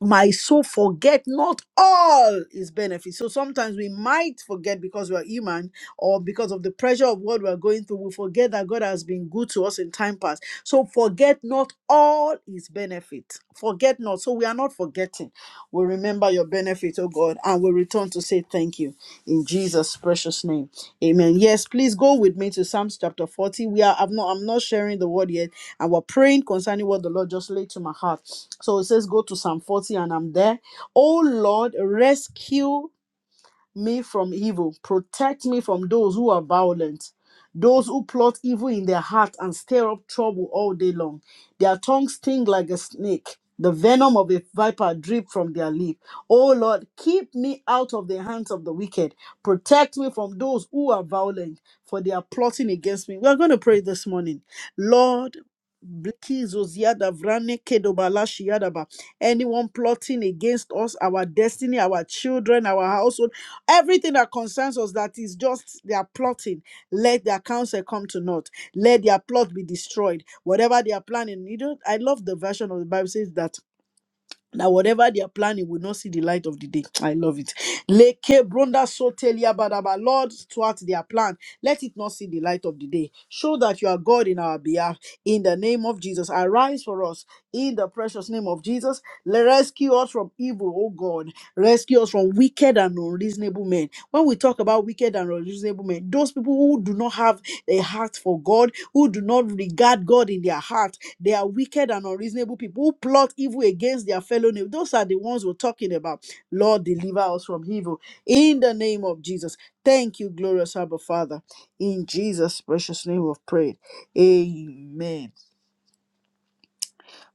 C: my soul forget not all his benefits. So sometimes we might forget because we are human or because of the pressure of what we are going through. We forget that God has been good to us in time past. So forget not all his benefits. Forget not. So we are not forgetting. We remember your benefit, oh God, and we return to say thank you in Jesus' precious name. Amen. Yes, please go with me to Psalms chapter 40. We are I'm not I'm not sharing the word yet and we're praying concerning what the Lord just laid to my heart. So it says, Go to Psalm 40, and I'm there. Oh Lord, rescue me from evil. Protect me from those who are violent, those who plot evil in their heart and stir up trouble all day long. Their tongues sting like a snake. The venom of a viper drip from their lip. Oh Lord, keep me out of the hands of the wicked. Protect me from those who are violent, for they are plotting against me. We are going to pray this morning. Lord, Blikizoziada vrane kedobala shiyadaba. anyone plotting against us, our destiny, our children, our household Everything that concerns us that is just they are plotting, let their counsel come to naught. Let their plot be destroyed. Whatever they are planning, you know, I love the version of the Bible says that now, whatever they are planning will not see the light of the day. *tsk* I love it. Leke bronda sotelia badaba. Lord, thwart their plan. Let it not see the light of the day. Show that you are God in our behalf. In the name of Jesus, arise for us. In the precious name of Jesus, le- rescue us from evil, oh God. Rescue us from wicked and unreasonable men. When we talk about wicked and unreasonable men. Those people who do not have a heart for God, who do not regard God in their heart, they are wicked and unreasonable people who plot evil against their fellow neighbor. Those are the ones we're talking about. Lord, deliver us from evil in the name of Jesus. Thank you, glorious Abba Father. In Jesus' precious name we've prayed. Amen.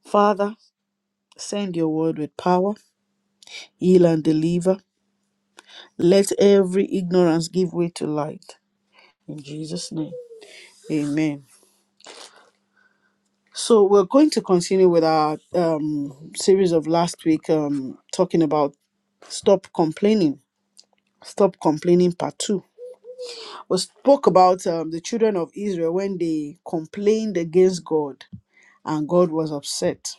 C: Father, send your word with power, heal and deliver. Let every ignorance give way to light. In Jesus' name. Amen. So we're going to continue with our um, series of last week, um, talking about stop complaining, stop complaining part two. We spoke about um, the children of Israel when they complained against God, and God was upset.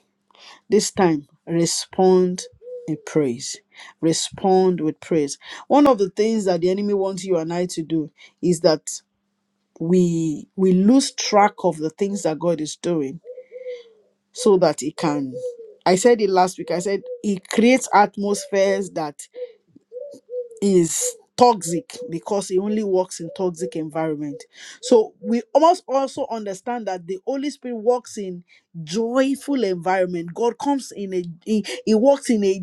C: This time, respond in praise. Respond with praise. One of the things that the enemy wants you and I to do is that we we lose track of the things that God is doing so that it can i said it last week i said it creates atmospheres that is toxic because it only works in toxic environment so we almost also understand that the holy spirit works in joyful environment god comes in a he, he works in a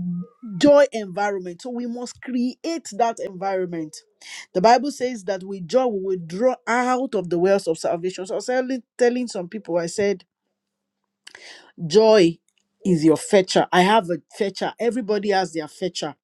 C: joy environment so we must create that environment the bible says that with joy we will draw out of the wells of salvation so i was telling telling some people i said Joy is your fetcher. I have a fetcher. Everybody has their fetcher.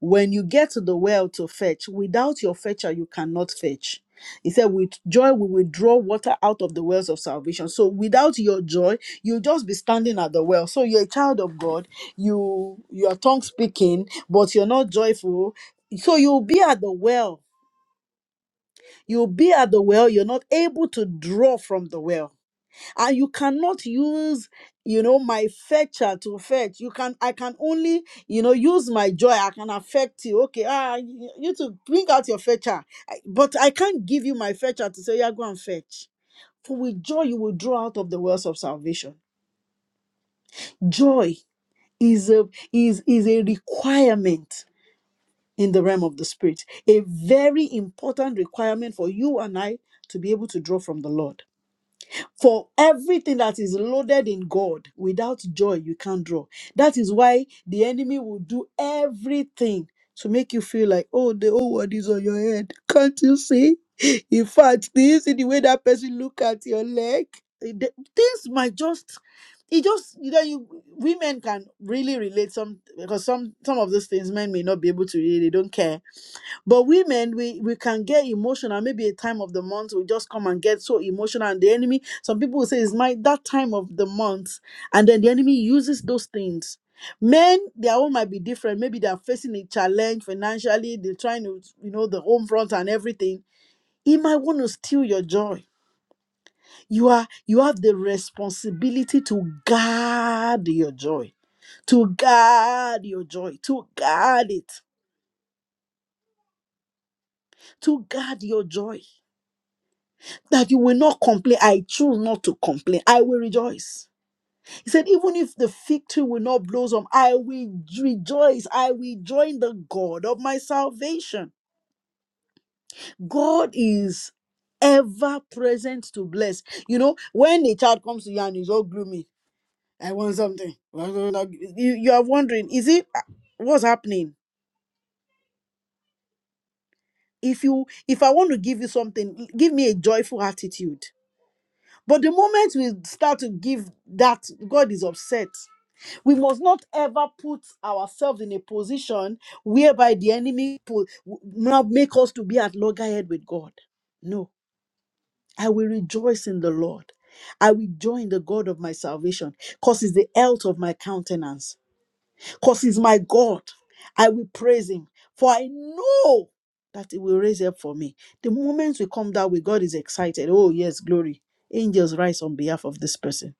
C: When you get to the well to fetch, without your fetcher, you cannot fetch. He said, With joy, we will draw water out of the wells of salvation. So, without your joy, you'll just be standing at the well. So, you're a child of God, you you are tongue speaking, but you're not joyful. So, you'll be at the well. You'll be at the well, you're not able to draw from the well and you cannot use you know my fetcher to fetch you can i can only you know use my joy i can affect you okay ah you, you to bring out your fetcher I- but i can't give you my fetcher to say yeah go and fetch for with joy you will draw out of the wells of salvation joy is a is is a requirement in the realm of the spirit a very important requirement for you and i to be able to draw from the lord For everything that is loaded in God, without joy, you can't draw. That is why the enemy will do everything to make you feel like, oh, the whole world is on your head. Can't you see? *laughs* In fact, do you see the way that person look at your leg? Eh, the- Things might just, it just, you know, you women can really relate some because some some of those things men may not be able to really. They don't care but women, we, we can get emotional. Maybe a time of the month, we just come and get so emotional. And the enemy, some people will say it's my that time of the month. And then the enemy uses those things. Men, their own might be different. Maybe they are facing a challenge financially, they're trying to, you know, the home front and everything. He might want to steal your joy. You are you have the responsibility to guard your joy, to guard your joy, to guard it, to guard your joy. that you will not complain. I choose not to complain. I will rejoice. He said, even if the fig tree will not blossom, I will rejoice. I will join the God of my salvation. God is ever present to bless. You know, when a child comes to you and is all gloomy, I want something. You, you are wondering, is it uh, what's happening? If you if I want to give you something, give me a joyful attitude. But the moment we start to give that, God is upset We must not ever put ourselves in a position whereby the enemy po- will not make us to be at loggerhead with God. No, I will rejoice in the Lord. I will join the God of my salvation because it's the health of my countenance because he's my God. I will praise him, for I know that he will raise up for me. The moment we come that way, God is excited. Oh, yes, glory. Angels rise on behalf of this person.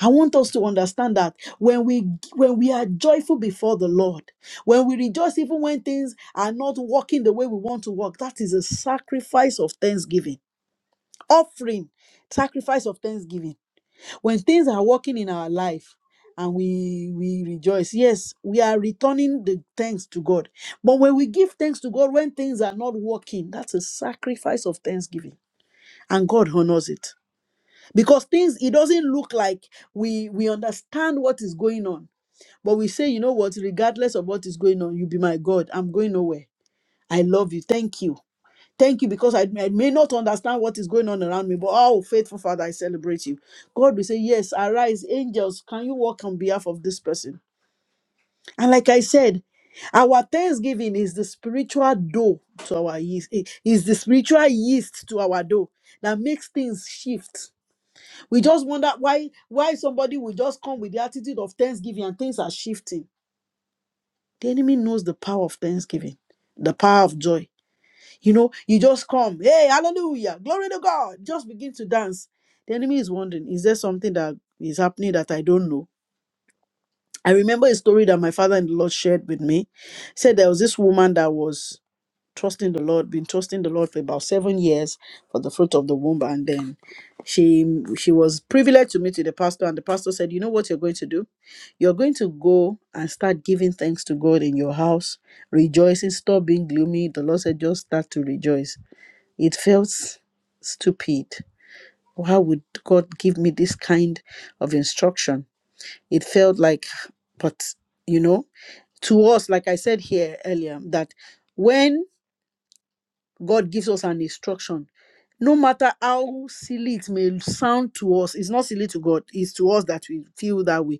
C: I want us to understand that when we when we are joyful before the Lord, when we rejoice even when things are not working the way we want to work, that is a sacrifice of thanksgiving, offering, sacrifice of thanksgiving when things are working in our life and we we rejoice yes we are returning the thanks to god but when we give thanks to god when things are not working that's a sacrifice of thanksgiving and god honors it because things it doesn't look like we we understand what is going on but we say you know what regardless of what is going on you be my god i'm going nowhere i love you thank you Thank you because I, I may not understand what is going on around me, but oh, faithful Father, I celebrate you. God will say, Yes, arise, angels, can you walk on behalf of this person? And like I said, our thanksgiving is the spiritual dough to our yeast, eh, is the spiritual yeast to our dough that makes things shift. We just wonder why why somebody will just come with the attitude of thanksgiving and things are shifting. The enemy knows the power of thanksgiving, the power of joy You know, you just come, hey, hallelujah, glory to God, just begin to dance. The enemy is wondering, is there something that is happening that I don't know? I remember a story that my father in the Lord shared with me. He said there was this woman that was trusting the Lord, been trusting the Lord for about seven years for the fruit of the womb, and then she she was privileged to meet with the pastor, and the pastor said, You know what you're going to do? You're going to go and start giving thanks to God in your house, rejoicing, stop being gloomy. The Lord said, just start to rejoice. It felt stupid. Why would God give me this kind of instruction? It felt like, but you know, to us, like I said here earlier, that when God gives us an instruction, no matter how silly it may sound to us, it's not silly to God, it's to us that we feel that way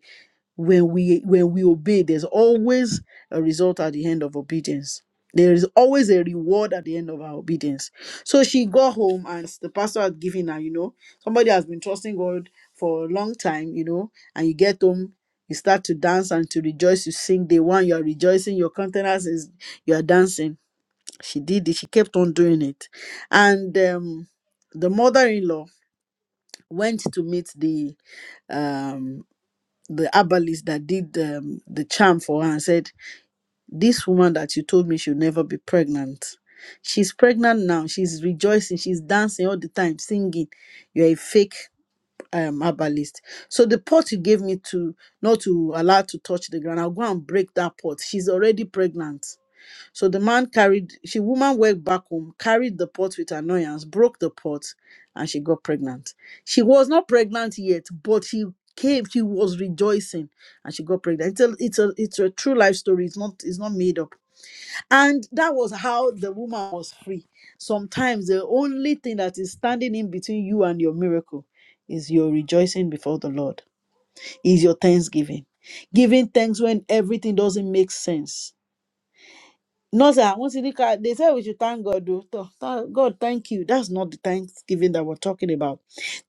C: when we when we obey there's always a result at the end of obedience there is always a reward at the end of our obedience so she got home and the pastor had given her you know somebody has been trusting god for a long time you know and you get home you start to dance and to rejoice you sing day one you are rejoicing your countenance is you are dancing she did it she kept on doing it and um the mother-in-law went to meet the um the herbalist that did um, the charm for her and said, This woman that you told me she should never be pregnant, she's pregnant now. She's rejoicing. She's dancing all the time, singing. You're a fake um, herbalist. So the pot you gave me to not to allow to touch the ground, I'll go and break that pot. She's already pregnant. So the man carried, she woman went back home, carried the pot with annoyance, broke the pot, and she got pregnant. She was not pregnant yet, but she came, she was rejoicing, and she got pregnant. It's a, it's a, it's a true life story. It's not, it's not made up. And that was how the woman was free. Sometimes the only thing that is standing in between you and your miracle is your rejoicing before the Lord, is your thanksgiving, giving thanks when everything doesn't make sense no, sir, I want to look at they said we should thank God. though. Th- th- God, thank you. That's not the thanksgiving that we're talking about.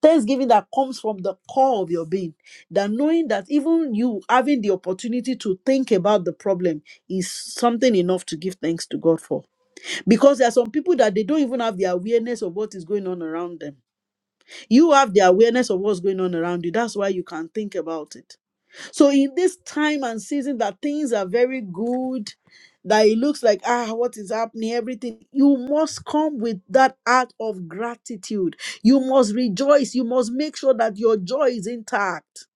C: Thanksgiving that comes from the core of your being. That knowing that even you having the opportunity to think about the problem is something enough to give thanks to God for. Because there are some people that they don't even have the awareness of what is going on around them. You have the awareness of what's going on around you. That's why you can think about it. So in this time and season that things are very good, that it looks like ah what is happening everything you must come with that act of gratitude you must rejoice you must make sure that your joy is intact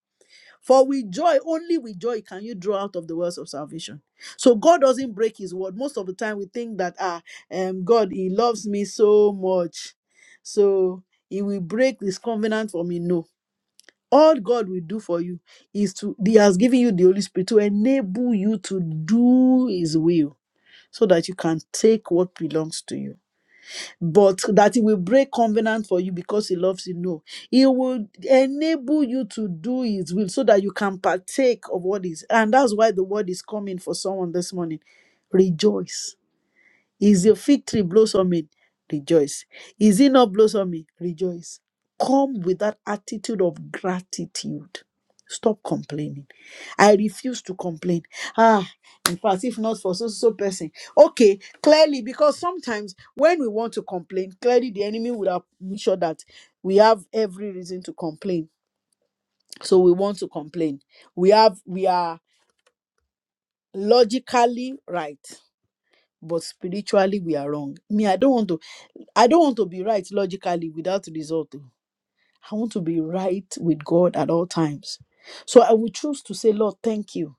C: for with joy only with joy can you draw out of the wells of salvation so god doesn't break his word most of the time we think that ah um god he loves me so much so he will break this covenant for me no all god will do for you is to he has given you the holy spirit to enable you to do his will so that you can take what belongs to you but that he will break covenant for you because he loves you no he will enable you to do his will so that you can partake of what is and that's why the word is coming for someone this morning rejoice is your fig tree blossoming? Rejoice. Is it not blossoming? Rejoice. Come with that attitude of gratitude. Stop complaining. I refuse to complain. Ah, in fact, if not for so so person. Okay, clearly, because sometimes when we want to complain, clearly the enemy would have made sure that we have every reason to complain. So we want to complain. We have we are logically right but spiritually we are wrong me i don't want to i don't want to be right logically without result oh. I want to be right with god at all times so i will choose to say lord thank you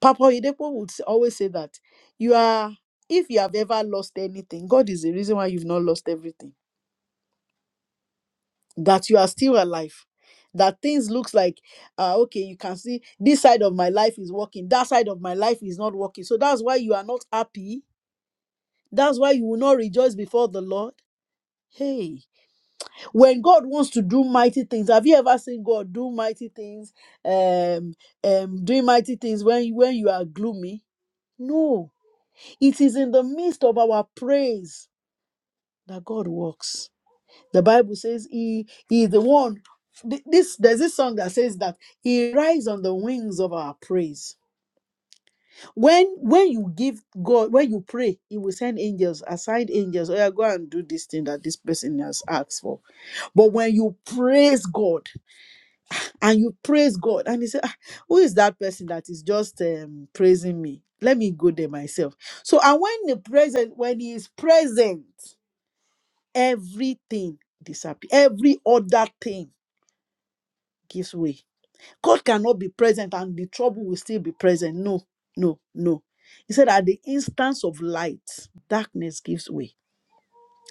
C: papa oyedepo would s- always say that you are if you have ever lost anything god is the reason why you've not lost everything that you are still alive that things looks like uh, okay you can see this side of my life is working that side of my life is not working so that's why you are not happy that's why you will not rejoice before the lord Hey, when God wants to do mighty things, have you ever seen God do mighty things? Um, um, doing mighty things when you, when you are gloomy? No, it is in the midst of our praise that God works. The Bible says He, he is the one. th- This there's this song that says that He rides on the wings of our praise. When when you give God, when you pray, He will send angels, assigned angels. Oh, yeah, go and do this thing that this person has asked for. But when you praise God, and you praise God. And he said, "Ah, Who is that person that is just um, praising me? Let me go there myself. So, and when the present, when he is present, everything disappears, every other thing gives way. God cannot be present and the trouble will still be present. No, no, no. He said, At the instance of light, darkness gives way.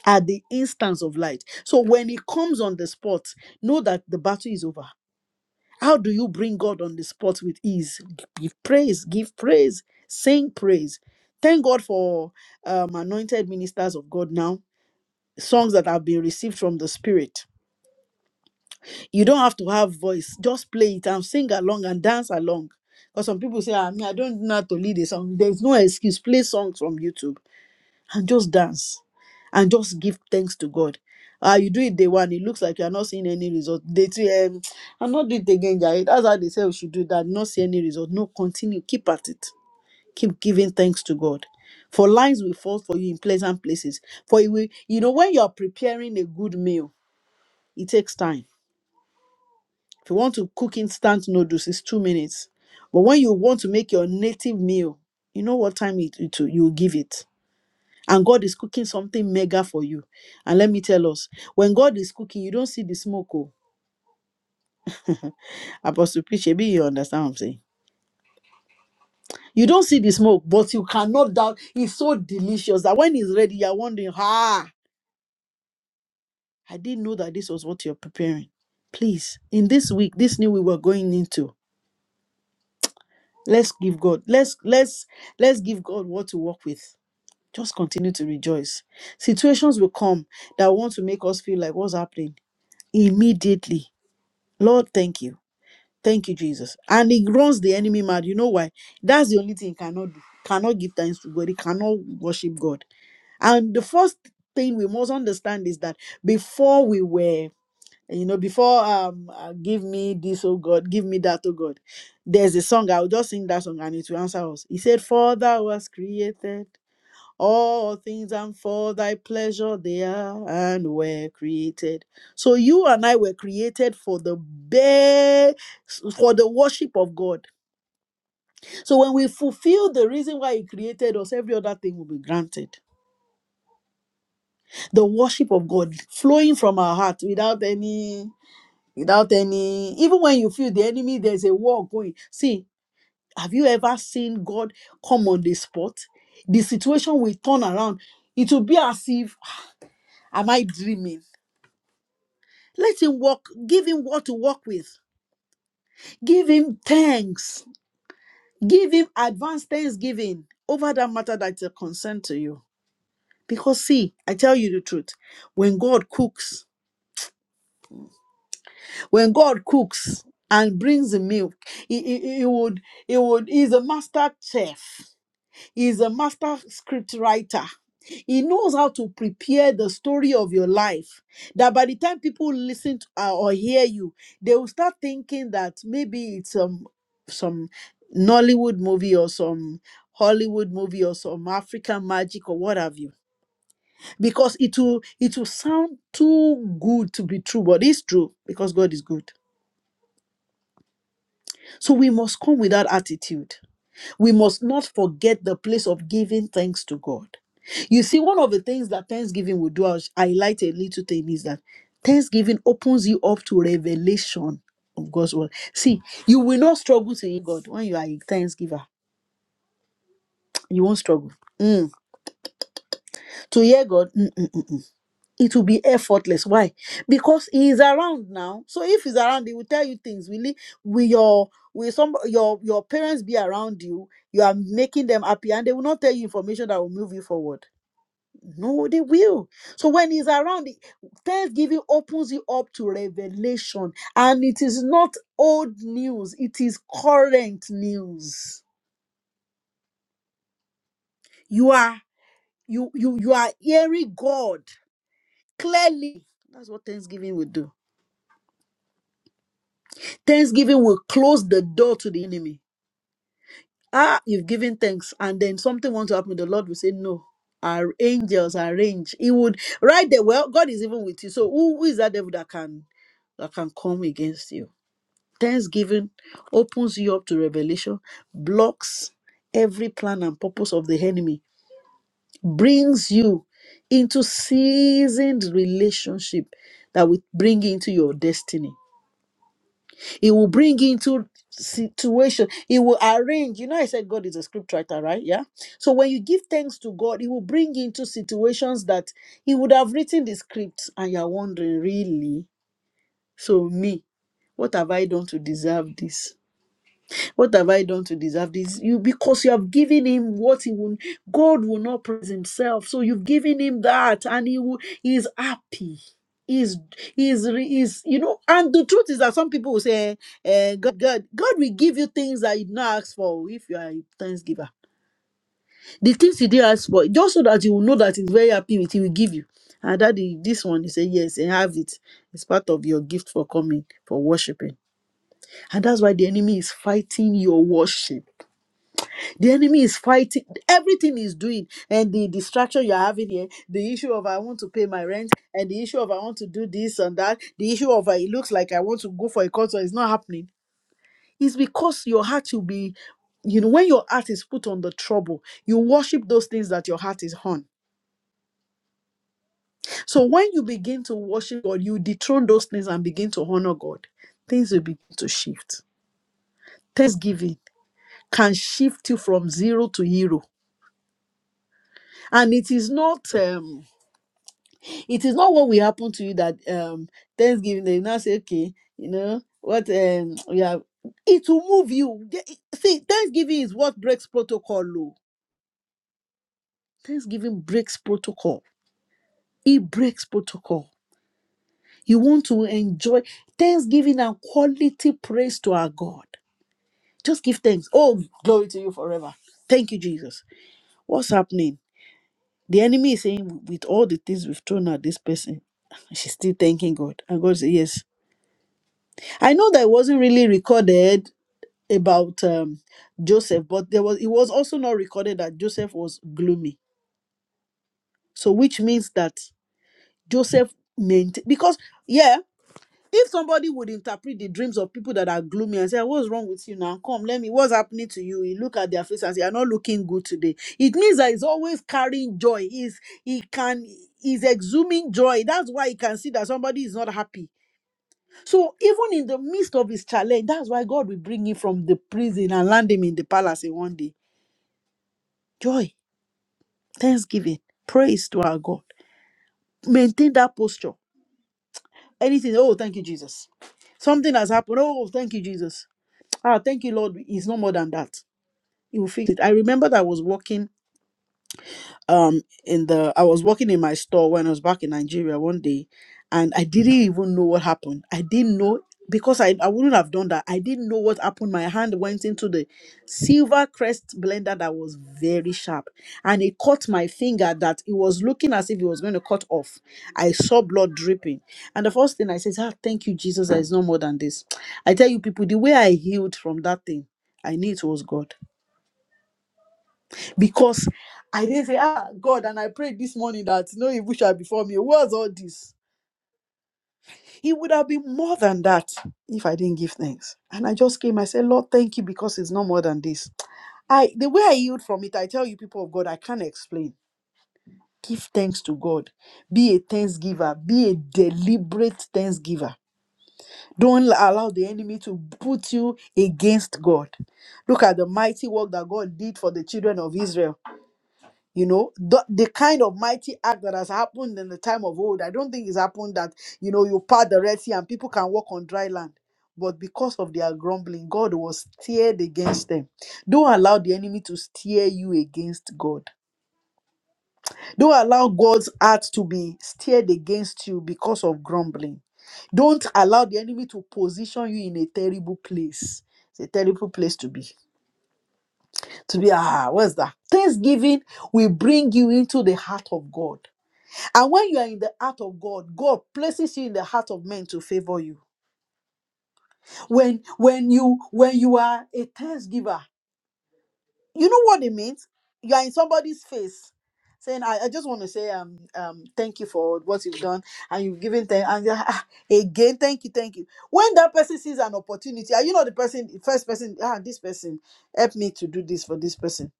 C: At the instance of light. So when he comes on the spot, know that the battle is over How do you bring God on the spot with ease? Give praise, give praise, sing praise. Thank God for um, anointed ministers of God now, songs that have been received from the Spirit. You don't have to have voice, just play it and sing along and dance along. Because some people say, I mean, I don't know how to lead a song. There's no excuse. Play songs from YouTube and just dance and just give thanks to God. Ah, you do it day one, it looks like you are not seeing any result. Day two, um, I'm not doing it again, Jare. That's how they say we should do that. Not see any result. No, continue. Keep at it. Keep giving thanks to God. For lines will fall for you in pleasant places. For you will, you know, when you are preparing a good meal, it takes time. If you want to cook instant noodles, it's two minutes. But when you want to make your native meal, you know what time it, it will- you will give it and God is cooking something mega for you. And let me tell us, when God is cooking, you don't see the smoke. Oh, Apostle Preach, maybe you understand what I'm saying. You don't see the smoke, but you cannot doubt it's so delicious that when it's ready, you're wondering, ah, I didn't know that this was what you're preparing. Please, in this week, this new we were going into, let's give God, let's let's let's give God what to work with. Just continue to rejoice. Situations will come that want to make us feel like what's happening immediately. Lord, thank you. Thank you, Jesus. And he runs the enemy mad. You know why? That's the only thing he cannot do. Cannot give thanks to God. He cannot worship God. And the first thing we must understand is that before we were, you know, before um, uh, give me this, oh God, give me that, oh God. There's a song. I'll just sing that song and it will answer us. He said, "For Thou was created." All things and for thy pleasure they are and were created. So you and I were created for the bare for the worship of God. So when we fulfill the reason why He created us, every other thing will be granted. The worship of God flowing from our heart without any without any even when you feel the enemy, there's a war going. See, have you ever seen God come on the spot? The situation will turn around. It will be as if "Ah, am I dreaming? Let him walk, give him what to work with. Give him thanks. Give him advanced thanksgiving over that matter that's a concern to you. Because see, I tell you the truth, when God cooks, when God cooks and brings the milk, he, he, he would, he would, he's a master chef. He's a master script writer. He knows how to prepare the story of your life. That by the time people listen to, uh, or hear you, they will start thinking that maybe it's um, some Nollywood movie or some Hollywood movie or some African magic or what have you. Because it will it will sound too good to be true, but it's true because God is good. So we must come with that attitude. We must not forget the place of giving thanks to God. You see, one of the things that Thanksgiving will do, I'll highlight a little thing, is that Thanksgiving opens you up to revelation of God's word. See, you will not struggle to hear God when you are a thanksgiver. *tsk* You won't struggle. Mm. To hear God, mm-mm-mm. it will be effortless. Why? Because he is around now. So if he's around, he will tell you things. Will he, will your will some your your parents be around you? You are making them happy, and they will not tell you information that will move you forward. No, they will. So when he's around, Thanksgiving opens you up to revelation, and it is not old news; it is current news. You are you you you are hearing God clearly. That's what Thanksgiving will do Thanksgiving will close the door to the enemy. Ah, you've given thanks, and then something wants to happen. The Lord will say, No, our angels arrange. He would right there. Well, God is even with you. So who, who is that devil that can that can come against you? Thanksgiving opens you up to revelation, blocks every plan and purpose of the enemy, brings you into seasoned relationship that will bring you into your destiny. He will bring into situation. He will arrange. You know, I said God is a script writer, right? Yeah. So when you give thanks to God, He will bring into situations that He would have written the script, and you're wondering, really? So me, what have I done to deserve this? What have I done to deserve this? You because you have given him what he will God will not praise himself. So you've given him that and he will he is happy. Is is is you know, and the truth is that some people will say, eh, God, God, God will give you things that you did not ask for if you are a thanks giver. The things you did ask for, just so that you will know that he's very happy with, he will give you. And that the, this one, he said Yes, and have it. It's part of your gift for coming, for worshiping. And that's why the enemy is fighting your worship the enemy is fighting everything he's doing, and the distraction you're having here, the issue of I want to pay my rent, and the issue of I want to do this and that, the issue of uh, it looks like I want to go for a concert, it's not happening. It's because your heart will be, you know, when your heart is put on the trouble, you worship those things that your heart is on. So when you begin to worship God, you dethrone those things and begin to honor God, things will begin to shift. Thanksgiving can shift you from zero to hero. And it is not um it is not what will happen to you that um thanksgiving they now say okay you know what um we have it will move you The- see thanksgiving is what breaks protocol Lou. thanksgiving breaks protocol it breaks protocol you want to enjoy thanksgiving and quality praise to our god just give thanks oh glory to you forever thank you jesus what's happening the enemy is saying with all the things we've thrown at this person she's still thanking god and god says yes I know that it wasn't really recorded about um, Joseph, but there was it was also not recorded that Joseph was gloomy. So which means that Joseph maintained because yeah, if somebody would interpret the dreams of people that are gloomy and say, "What's wrong with you now? Come, let me. What's happening to you?" You look at their face and say, "You're not looking good today." It means that he's always carrying joy. He's he can he's exhuming joy. That's why he can see that somebody is not happy So even in the midst of his challenge, that's why God will bring him from the prison and land him in the palace in one day. Joy, thanksgiving, praise to our God. Maintain that posture. Anything, oh, thank you, Jesus. Something has happened. Oh, thank you, Jesus. Ah, thank you, Lord. It's no more than that. He will fix it. I remember that I was walking um in the I was working in my store when I was back in Nigeria one day and I didn't even know what happened. I didn't know because I, I wouldn't have done that. I didn't know what happened. My hand went into the silver crest blender that was very sharp and it caught my finger that it was looking as if it was going to cut off. I saw blood dripping. And the first thing I said, ah, thank you, Jesus, there is no more than this. I tell you people, the way I healed from that thing, I knew it was God because I didn't say, ah, God, and I prayed this morning that no evil shall befall me. What's all this? It would have been more than that if I didn't give thanks. And I just came, I said, Lord, thank you because it's not more than this. I the way I yield from it, I tell you, people of God, I can't explain. Give thanks to God. Be a thanksgiver. Be a deliberate thanksgiver. Don't allow the enemy to put you against God. Look at the mighty work that God did for the children of Israel You know, the, the kind of mighty act that has happened in the time of old, I don't think it's happened that, you know, you part the Red Sea and people can walk on dry land. But because of their grumbling, God was steered against them. Don't allow the enemy to steer you against God. Don't allow God's heart to be steered against you because of grumbling. Don't allow the enemy to position you in a terrible place. It's a terrible place to be. To be, ah, what's that? Thanksgiving will bring you into the heart of God. And when you are in the heart of God, God places you in the heart of men to favor you. When when you when you are a thanks giver, you know what it means? You are in somebody's face saying, I, I just want to say um um thank you for what you've done and you've given thank and you're, "Ah, again, thank you, thank you. When that person sees an opportunity, are you not the person, the first person, ah, this person, help me to do this for this person.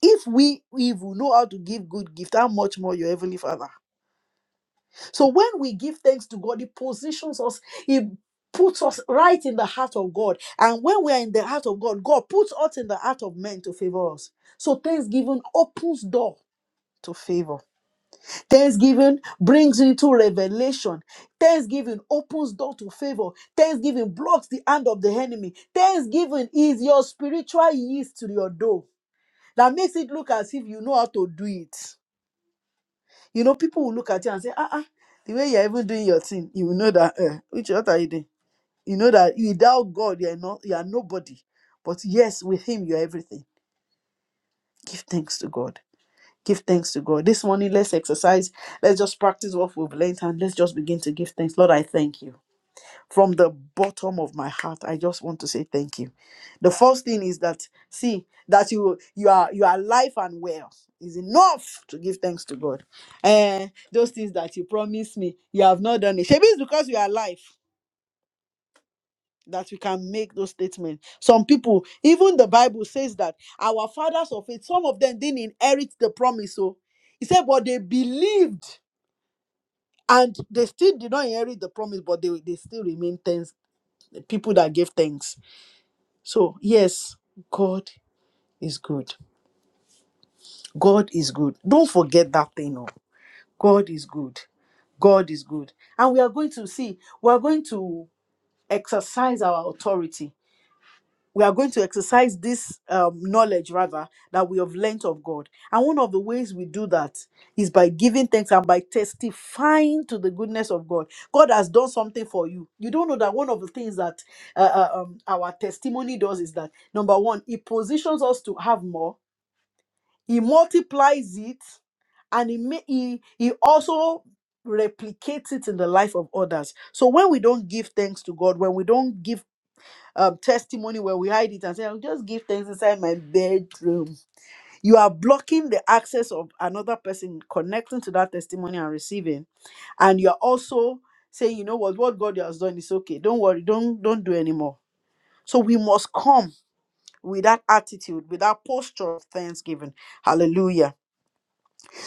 C: If we if we know how to give good gift, how much more your heavenly father? So when we give thanks to God, He positions us, He puts us right in the heart of God. And when we are in the heart of God, God puts us in the heart of men to favor us. So thanksgiving opens door to favor. Thanksgiving brings into revelation. Thanksgiving opens door to favor. Thanksgiving blocks the hand of the enemy. Thanksgiving is your spiritual yeast to your dough that makes it look as if you know how to do it. You know, people will look at you and say, ah, ah, the way you're even doing your thing, you will know that, uh, which what are you doing? You know that without God, you are not, you are nobody. But yes, with Him, you are everything. Give thanks to God. Give thanks to God. This morning, let's exercise. Let's just practice what we've learned and let's just begin to give thanks. Lord, I thank you. From the bottom of my heart, I just want to say thank you. The first thing is that see that you you are you are alive and well is enough to give thanks to God. And those things that you promised me, you have not done it. Maybe it's because you are alive that you can make those statements. Some people, even the Bible says that our fathers of faith, some of them didn't inherit the promise. So he said, but they believed and they still did not inherit the promise, but they, they still remain thanks, people that gave thanks. So, yes, God is good. God is good. Don't forget that thing. Oh. God is good. God is good. And we are going to see, we are going to exercise our authority. We are going to exercise this um, knowledge, rather, that we have learnt of God. And one of the ways we do that is by giving thanks and by testifying to the goodness of God. God has done something for you. You don't know that one of the things that uh, uh, um, our testimony does is that, number one, it positions us to have more. he multiplies it and he, may, he he also replicates it in the life of others so when we don't give thanks to god when we don't give um, testimony when we hide it and say i'll just give thanks inside my bedroom you are blocking the access of another person connecting to that testimony and receiving and you're also saying you know what what god has done is okay don't worry don't don't do anymore so we must come with that attitude with that posture of thanksgiving hallelujah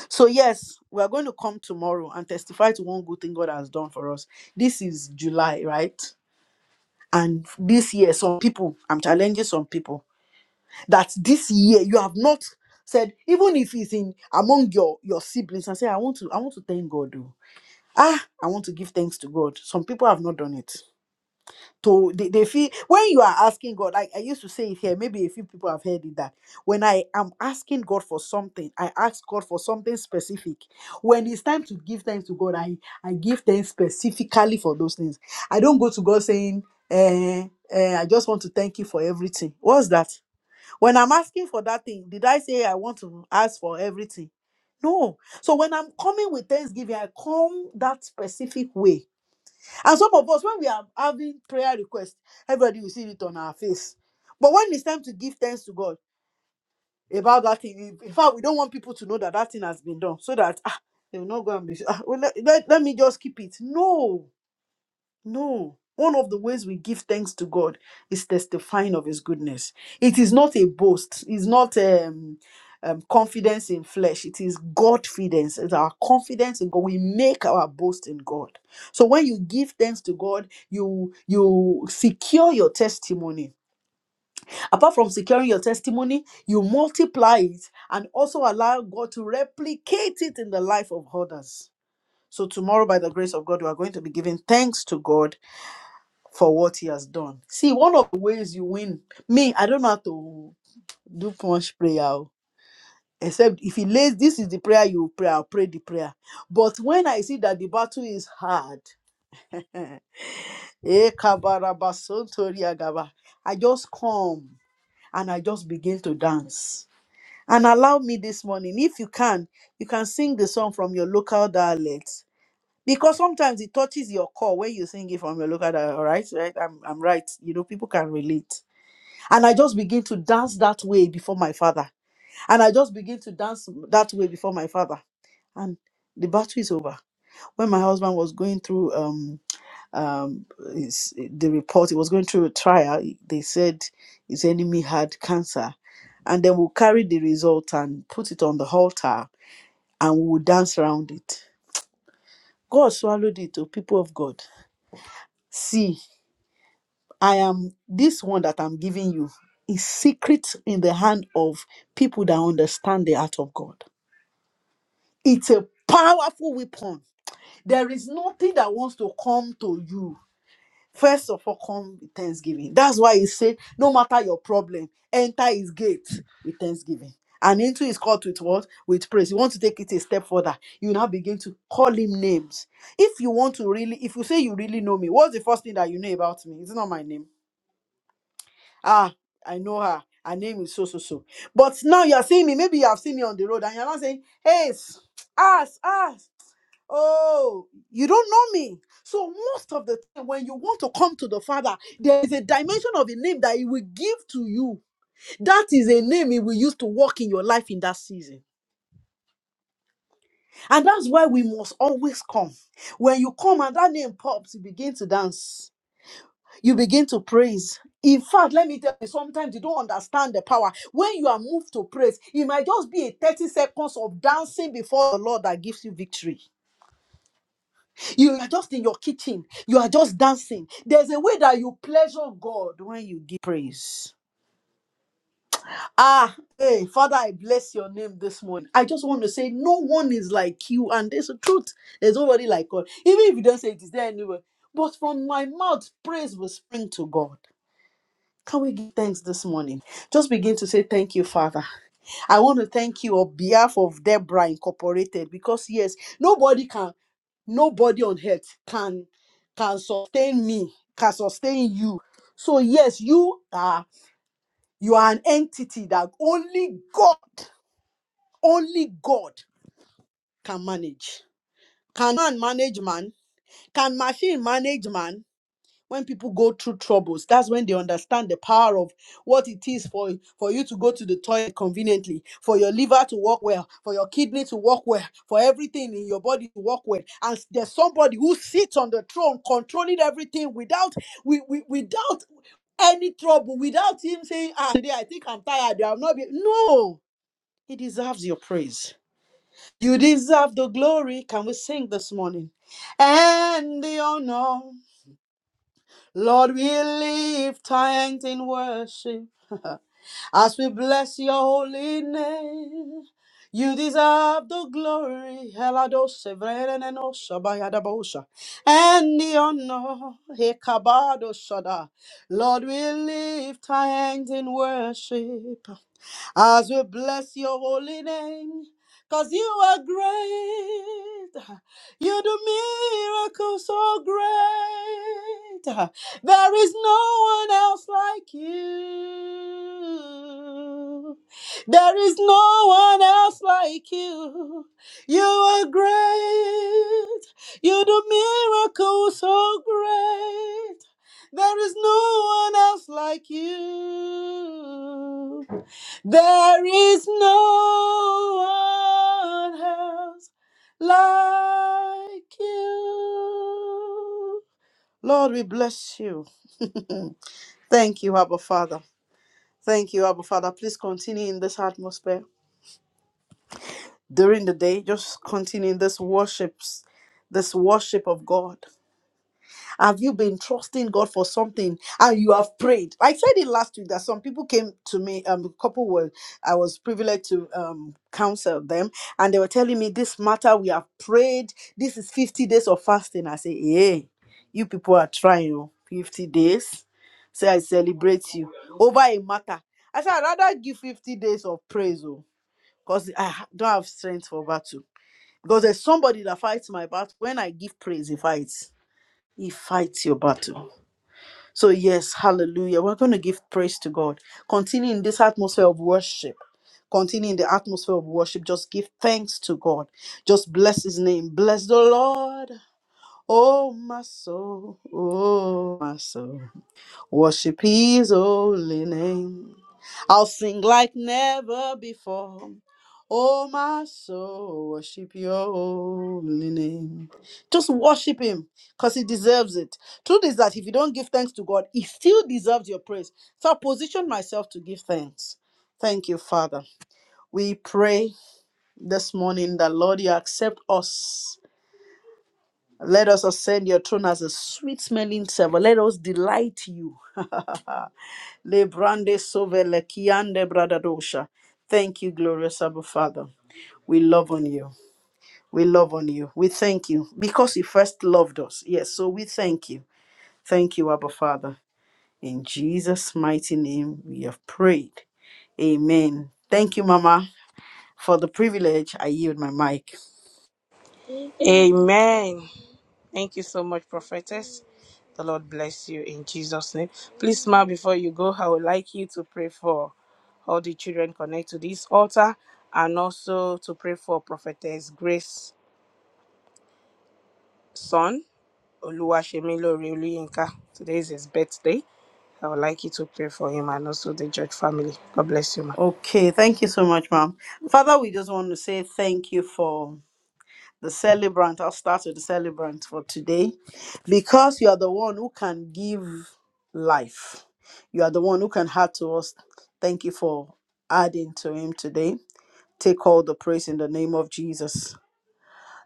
C: So, yes, we are going to come tomorrow and testify to one good thing God has done for us. This is July, right? And this year, some people, I'm challenging some people that this year you have not said, even if it's in among your, your siblings, and say, I want to, I want to thank God. oh. Ah, I want to give thanks to God. Some people have not done it to they, they feel when you are asking god like i used to say it here maybe a few people have heard it that when i am asking god for something i ask god for something specific when it's time to give thanks to god i i give thanks specifically for those things i don't go to god saying eh, eh, i just want to thank you for everything what's that when i'm asking for that thing did i say i want to ask for everything no so when i'm coming with thanksgiving i come that specific way and some of us, when we are having prayer requests, everybody will see it on our face. But when it's time to give thanks to God about that thing, in fact, we don't want people to know that that thing has been done so that ah, they will not go and be, ah, well, let, let, let me just keep it. No. No. One of the ways we give thanks to God is testifying of His goodness. It is not a boast. It's not um, um, confidence in flesh. It is God confidence. It's our confidence in God. We make our boast in God. So when you give thanks to God, you you secure your testimony. Apart from securing your testimony, you multiply it and also allow God to replicate it in the life of others. So tomorrow, by the grace of God, we are going to be giving thanks to God for what he has done. See, one of the ways you win, me, I don't know how to do much prayer. oh, Except if he lays, this is the prayer you pray, I'll pray the prayer. But when I see that the battle is hard, eh, kabarabasontoriagaba, I just come and I just begin to dance. And allow me this morning, if you can, you can sing the song from your local dialect. Because sometimes it touches your core when you sing it from your local dialect, all right? right? I'm, I'm right. You know, people can relate And I just begin to dance that way before my father. And I just begin to dance that way before my father. And the battle is over. When my husband was going through um um his, the report, he was going through a trial. They said his enemy had cancer. And then we'll carry the result and put it on the altar and we'll dance around it. God swallowed it, oh people of God. See. I am this one that I'm giving you is secret in the hand of people that understand the art of God. It's a powerful weapon. There is nothing that wants to come to you. First of all, come with thanksgiving. That's why he said, no matter your problem, enter his gate with thanksgiving. And into his court with what? With praise. You want to take it a step further. You now begin to call him names. If you want to really, if you say you really know me, what's the first thing that you know about me? It's not my name. Ah, I know her. Her name is so so so. But now you're seeing me. Maybe you have seen me on the road and you're not saying, hey, s- ask, ask. Oh, you don't know me. So most of the time, when you want to come to the Father, there is a dimension of a name that He will give to you. That is a name He will use to walk in your life in that season. And that's why we must always come. When you come and that name pops, you begin to dance. you begin to praise. In fact, let me tell you, sometimes you don't understand the power. When you are moved to praise, it might just be a 30 seconds of dancing before the Lord that gives you victory. You are just in your kitchen, you are just dancing. There's a way that you pleasure God when you give praise. Ah, hey, Father, I bless your name this morning. I just want to say, no one is like you, and there's the truth. There's nobody like God. Even if you don't say it, is there anywhere? But from my mouth, praise will spring to God. Can we give thanks this morning? Just begin to say thank you, Father. I want to thank you on behalf of Deborah Incorporated because yes, nobody can, nobody on earth can can sustain me, can sustain you. So yes, you are you are an entity that only God, only God can manage. Can man manage man? Can machine manage man? when people go through troubles that's when they understand the power of what it is for for you to go to the toilet conveniently for your liver to work well for your kidney to work well for everything in your body to work well and there's somebody who sits on the throne controlling everything without we, we, without any trouble without him saying ah today i think i'm tired i'll not be no he deserves your praise you deserve the glory can we sing this morning and the honor Lord, we lift our hands in worship *laughs* as we bless your holy name. You deserve the glory, Heladoshe, Vrenenosha, Bayadabosha, and the honor, Hekabado Shada. Lord, we lift our hands in worship as we bless your holy name. Cause you are great. You do miracles so great. There is no one else like you. There is no one else like you. You are great. You do miracles so great. There is no one else like you. There is no one else like you. Lord, we bless you. *clears throat* Mm. Thank you, Abba Father. Thank you, Abba Father. Please continue in this atmosphere during the day. Just continue in this worships, this worship of God. Have you been trusting God for something and you have prayed? I said it last week that some people came to me, um, a couple were, I was privileged to um, counsel them, and they were telling me this matter, we have prayed. This is 50 days of fasting. I say, hey, you people are trying oh, 50 days. Say, I celebrate you over a matter. I said, I'd rather give 50 days of praise oh, because I ha- don't have strength for battle. Because there's somebody that fights my battle. When I give praise, he fights. He fights your battle. So, yes, hallelujah. We're going to give praise to God. Continue in this atmosphere of worship. Continue in the atmosphere of worship. Just give thanks to God. Just bless his name. Bless the Lord. Oh, my soul. Oh, my soul. Worship his holy name. I'll sing like never before. Oh, my soul, worship your holy name. Just worship him because he deserves it. Truth is that if you don't give thanks to God, he still deserves your praise. So I position myself to give thanks. Thank you, Father. We pray this morning that, Lord, you accept us. Let us ascend your throne as a sweet smelling savor. Let us delight you. *laughs* Lebrande sovele kiande bradadosha. Thank you, glorious Abba Father. We love on you. We love on you. We thank you because you first loved us. Yes, so we thank you. Thank you, Abba Father. In Jesus' mighty name, we have prayed. Amen. Thank you, Mama, for the privilege. I yield my mic.
A: Amen. Thank you so much, prophetess. The Lord bless you in Jesus' name. Please smile before you go. I would like you to pray for all the children connected to this altar and also to pray for prophetess Grace son, Oluwashemilo Oluyinka. Today is his birthday. I would like you to pray for him and also the church family. God bless you, ma.
C: Okay, thank you so much, Mom. Father, we just want to say thank you for the celebrant. I'll start with the celebrant for today. Because you are the one who can give life, you are the one who can add to us. Thank you for adding to him today. Take all the praise in the name of Jesus.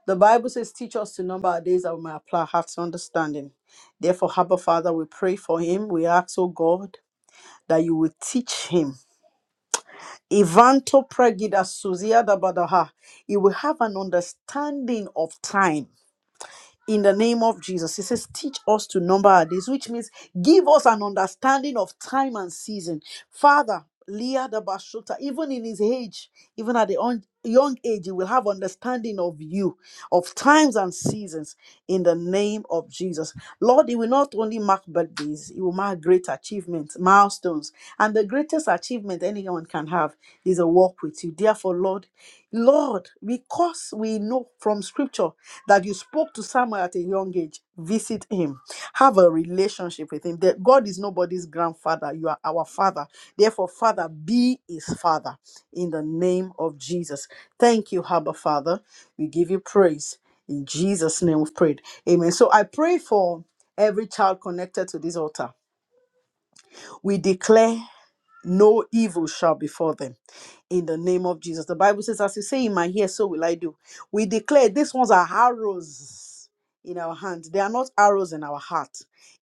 C: The Bible says, Teach us to number our days that we may apply our hearts to understanding. Therefore, Abba Father, we pray for him. We ask, oh God, that you will teach him. Ivanto pregida suzia da badaha. He will have an understanding of time in the name of Jesus. He says, Teach us to number our days, which means give us an understanding of time and season. Father, Leah the Bashuta, even in his age, even at the un- young age, he will have understanding of you, of times and seasons, in the name of Jesus. Lord, he will not only mark birthdays, he will mark great achievements, milestones. And the greatest achievement anyone can have is a walk with you. Therefore, Lord, Lord, because we know from scripture that you spoke to Samuel at a young age, visit him, have a relationship with him. That God is nobody's grandfather, you are our father. Therefore, Father, be his father in the name of Jesus. Thank you, Abba Father. We give you praise. In Jesus' name we've prayed. Amen. So I pray for every child connected to this altar. We declare no evil shall befall them in the name of Jesus. The Bible says, As you say in my ear, so will I do. We declare these ones are arrows in our hands, they are not arrows in our heart.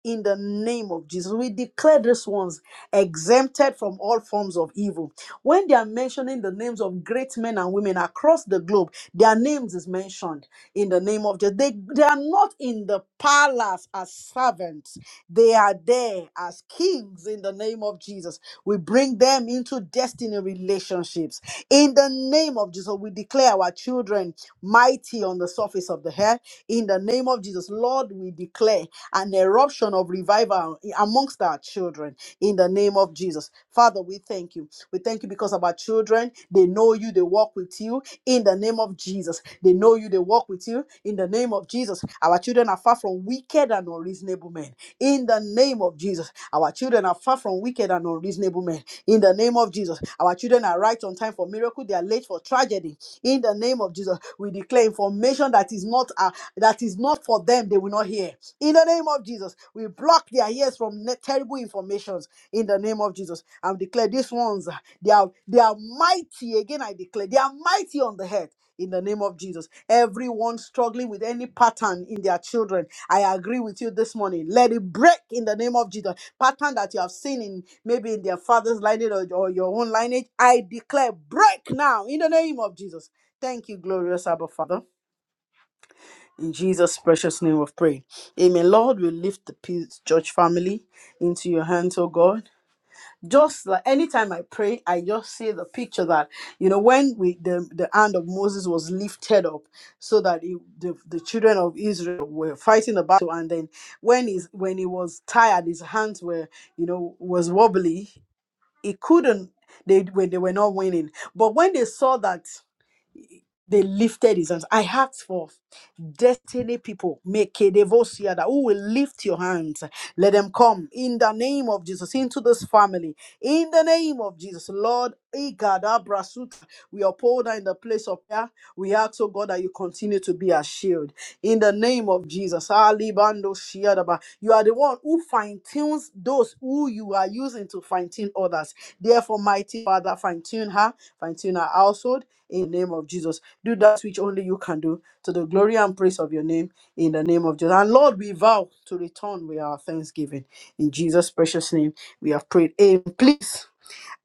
C: In the name of Jesus, we declare these ones exempted from all forms of evil. When they are mentioning the names of great men and women across the globe, their names is mentioned in the name of Jesus. They, they are not in the palace as servants, they are there as kings in the name of Jesus. We bring them into destiny relationships. In the name of Jesus, we declare our children mighty on the surface of the earth. In the name of Jesus, Lord, we declare an eruption of revival amongst our children in the name of Jesus. Father, we thank you. We thank you because of our children. They know you, they walk with you in the name of Jesus. They know you, they walk with you in the name of Jesus. Our children are far from wicked and unreasonable men in the name of Jesus. Our children are far from wicked and unreasonable men in the name of Jesus. Our children are right on time for miracle, they are late for tragedy in the name of Jesus. We declare information that is not uh, that is not for them, they will not hear in the name of Jesus, we block their ears from ne- terrible informations. In the name of Jesus, I declare these ones, ah, they are, they are mighty. Again, I declare, they are mighty on the head. In the name of Jesus, everyone struggling with any pattern in their children, I agree with you this morning. Let it break in the name of Jesus. Pattern that you have seen in maybe in their father's lineage or, or your own lineage, I declare break now in the name of Jesus. Thank you, glorious Abba Father. In Jesus' precious name of prayer. Amen. Lord, we lift the Peace Church family into your hands, oh God. Just like anytime I pray, I just see the picture that, you know, when we the, the hand of Moses was lifted up so that he, the, the children of Israel were fighting the battle. And then when he's when he was tired, his hands were, you know, was wobbly. He couldn't, they, were- they were not winning. But when they saw that they lifted his hands. I asked for destiny people, make a devotion that who will lift your hands. Let them come in the name of Jesus into this family. In the name of Jesus, Lord, Igada Brasuta, we uphold her in the place of prayer. We ask, oh God, that you continue to be a shield. In the name of Jesus, Ali Bando Shiadaba, you are the one one who fine tunes those who you are using to fine tune others. Therefore, mighty Father, fine tune her, fine tune her household in the name of Jesus. Do that which only you can do to the glory and praise of your name in the name of Jesus. And Lord, we vow to return with our thanksgiving. In Jesus' precious name, we have prayed. Amen. Please.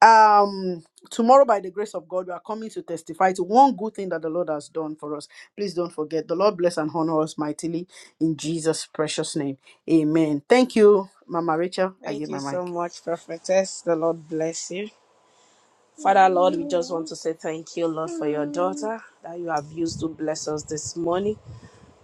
C: Um, tomorrow, by the grace of God, we are coming to testify to one good thing that the Lord has done for us. Please don't forget. The Lord bless and honor us mightily in Jesus' precious name. Amen. Thank you, Mama Rachel. I
A: Thank
C: give
A: you
C: my mic.
A: so much, Prophetess. The Lord bless you. Father, Lord, we just want to say thank you, Lord, for your daughter that you have used to bless us this morning.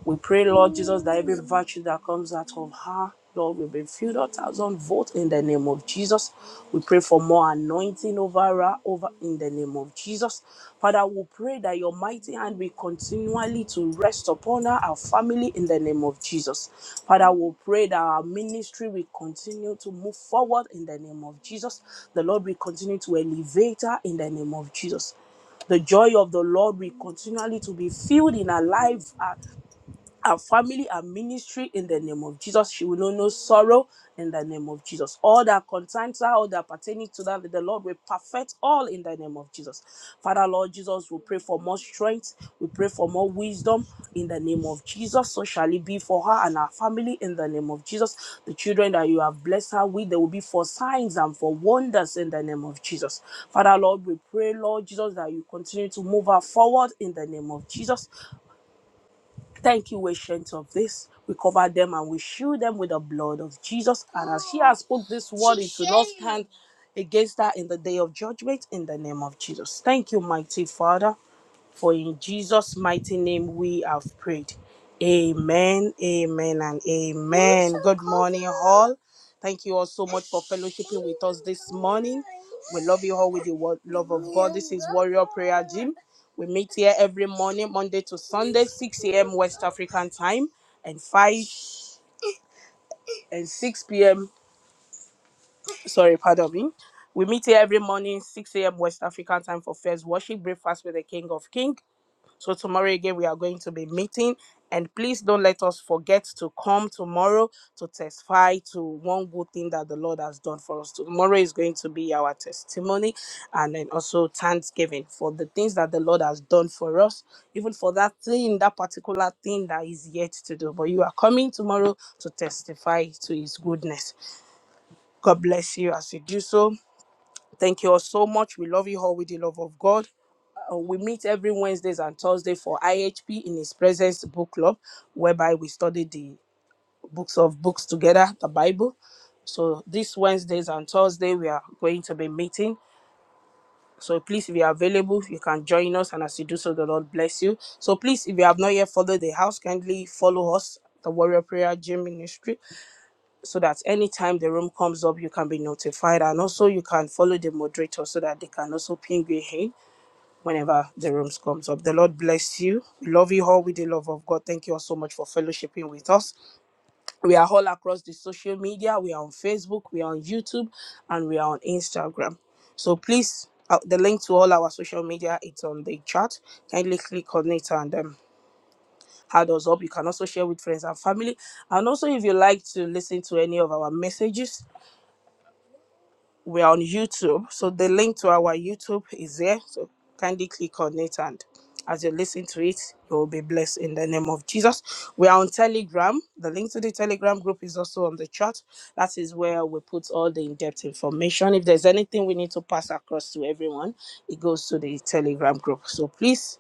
A: We pray, Lord Jesus, that every virtue that comes out of her, Lord, will be filled a thousand vote in the name of Jesus. We pray for more anointing over her, over in the name of Jesus. Father, we pray that your mighty hand will continually to rest upon her, our family, in the name of Jesus. Father, we pray that our ministry will continue to move forward in the name of Jesus. The Lord will continue to elevate her in the name of Jesus the joy of the Lord will continually to be filled in our life uh, our family our ministry in the name of Jesus. She will know no sorrow in the name of Jesus. All that concerns her, all that pertaining to that, the Lord will perfect all in the name of Jesus. Father, Lord Jesus, we pray for more strength. We pray for more wisdom in the name of Jesus. So shall it be for her and her family in the name of Jesus. The children that you have blessed her with, they will be for signs and for wonders in the name of Jesus. Father, Lord, we pray, Lord Jesus, that you continue to move her forward in the name of Jesus. Thank you, ancient of this. We cover them and we shield them with the blood of Jesus. And as she has spoke this word, it will not stand against her in the day of judgment in the name of Jesus. Thank you, mighty Father. For in Jesus' mighty name we have prayed. Amen, amen, and amen. Good morning, all. Thank you all so much for fellowshipping with us this morning. We love you all with the wo- love of God. This is Warrior Prayer Gym. We meet here every morning, Monday to Sunday, 6 a.m. West African time, and 5 and 6 p.m. Sorry, pardon me. We meet here every morning, 6 a.m. West African time for first worship, breakfast with the King of Kings. So tomorrow again, we are going to be meeting. And please don't let us forget to come tomorrow to testify to one good thing that the Lord has done for us. Tomorrow is going to be our testimony and then also thanksgiving for the things that the Lord has done for us, even for that thing, that particular thing that is yet to do. But you are coming tomorrow to testify to his goodness. God bless you as you do so. Thank you all so much. We love you all with the love of God. Uh, we meet every Wednesdays and Thursday for IHP in His Presence Book Club, whereby we study the books of books together, the Bible. So this Wednesdays and Thursday we are going to be meeting. So please, if you are available, you can join us, and as you do so, the Lord bless you. So please, if you have not yet followed the house, kindly follow us, the Warrior Prayer Gym Ministry, so that anytime the room comes up, you can be notified, and also you can follow the moderator so that they can also ping you in whenever the rooms comes up. The Lord bless you. We love you all with the love of God. Thank you all so much for fellowshipping with us. We are all across the social media. We are on Facebook, we are on YouTube, and we are on Instagram. So please, uh, the link to all our social media it's on the chat. Kindly click on it and um, add us up. You can also share with friends and family. And also, if you like to listen to any of our messages. we're on YouTube. So the link to our YouTube is there. So kindly click on it and as you listen to it, you will be blessed in the name of Jesus. We are on Telegram. The link to the Telegram group is also on the chat. That is where we put all the in-depth information. If there's anything we need to pass across to everyone, it goes to the Telegram group. So please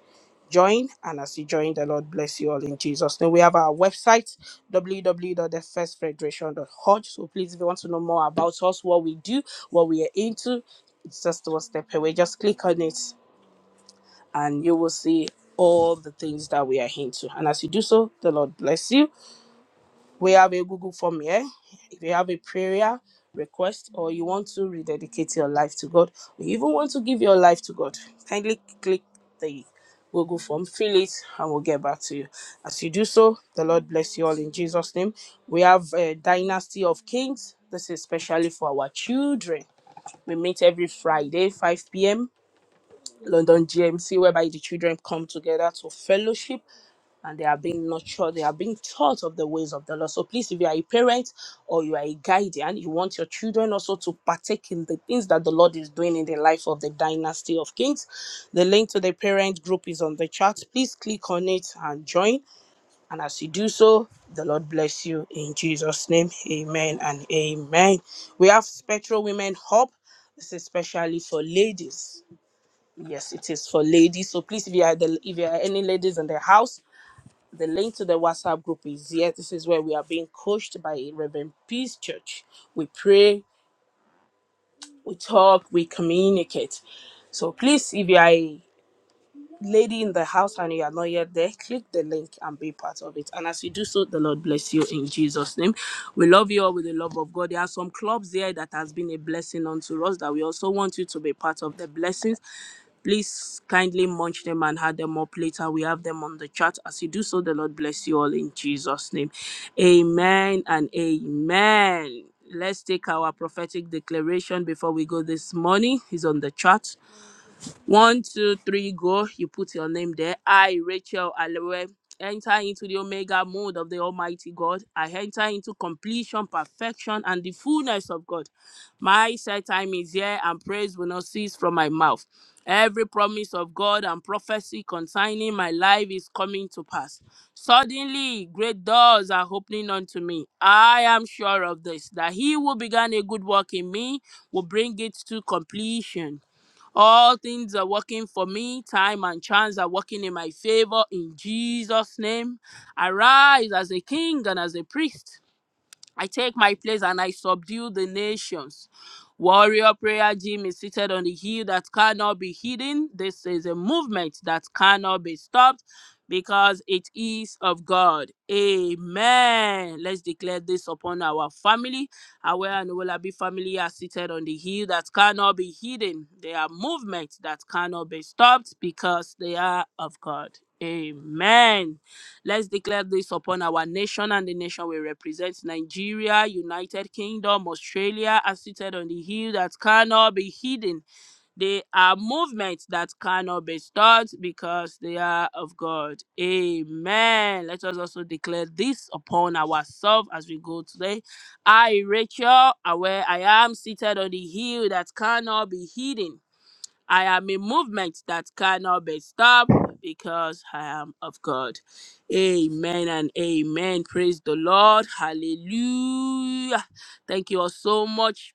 A: join and as you join the lord bless you all in jesus name we have our website w w w dot the first federation dot org. so please if you want to know more about us what we do what we are into it's just one step away just click on it and you will see all the things that we are into and as you do so the lord bless you we have a Google form here. If you have a prayer request or you want to rededicate your life to God, or you even want to give your life to God, kindly click the Google form, fill it, and we'll get back to you. As you do so, the Lord bless you all in Jesus' name. We have a Dynasty of Kings. This is especially for our children. We meet every Friday, 5 p.m. London GMC, whereby the children come together to fellowship and they are being nurtured, they are being taught of the ways of the Lord. So please, if you are a parent or you are a guardian, you want your children also to partake in the things that the Lord is doing in the life of the dynasty of kings. The link to the parent group is on the chat. Please click on it and join. And as you do so, the Lord bless you in Jesus' name. Amen and amen. We have Spectral Women Hub. This is especially for ladies. Yes, it is for ladies. So please, if you are the, if you are any ladies in the house, the link to the WhatsApp group is here. This is where we are being coached by Reverend Peace Church. We pray, we talk, we communicate. So please, if you are lady in the house and you are not yet there, click the link and be part of it. And as you do so, the Lord bless you in Jesus' name. We love you all with the love of God. There are some clubs here that has been a blessing unto us that we also want you to be part of the blessings. Please kindly munch them and have them up later. We have them on the chat. As you do so, the Lord bless you all in Jesus' name. Amen and amen. Let's take our prophetic declaration before we go this morning. It's on the chat. One, two, three, go. You put your name there. I, Rachel Alewe, enter into the omega mode of the Almighty God. I enter into completion, perfection, and the fullness of God. My set time is here, and praise will not cease from my mouth. Every promise of God and prophecy concerning my life is coming to pass. Suddenly, great doors are opening unto me. I am sure of this, that he who began a good work in me will bring it to completion. All things are working for me. Time and chance are working in my favor in Jesus' name. Arise as a king and as a priest. I take my place and I subdue the nations. Warrior Prayer Gym is seated on a hill that cannot be hidden. This is a movement that cannot be stopped because it is of God. Amen. Let's declare this upon our family. Our and Olabi family are seated on the hill that cannot be hidden. They are movements that cannot be stopped because they are of God. Amen. Let's declare this upon our nation, and the nation will represent Nigeria, United Kingdom, Australia, are seated on the hill that cannot be hidden. They are movements that cannot be stopped because they are of God. Amen. Let us also declare this upon ourselves as we go today. I, Rachel, are where I am seated on the hill that cannot be hidden. I am a movement that cannot be stopped because I am of God. Amen and amen. Praise the Lord. Hallelujah. Thank you all so much.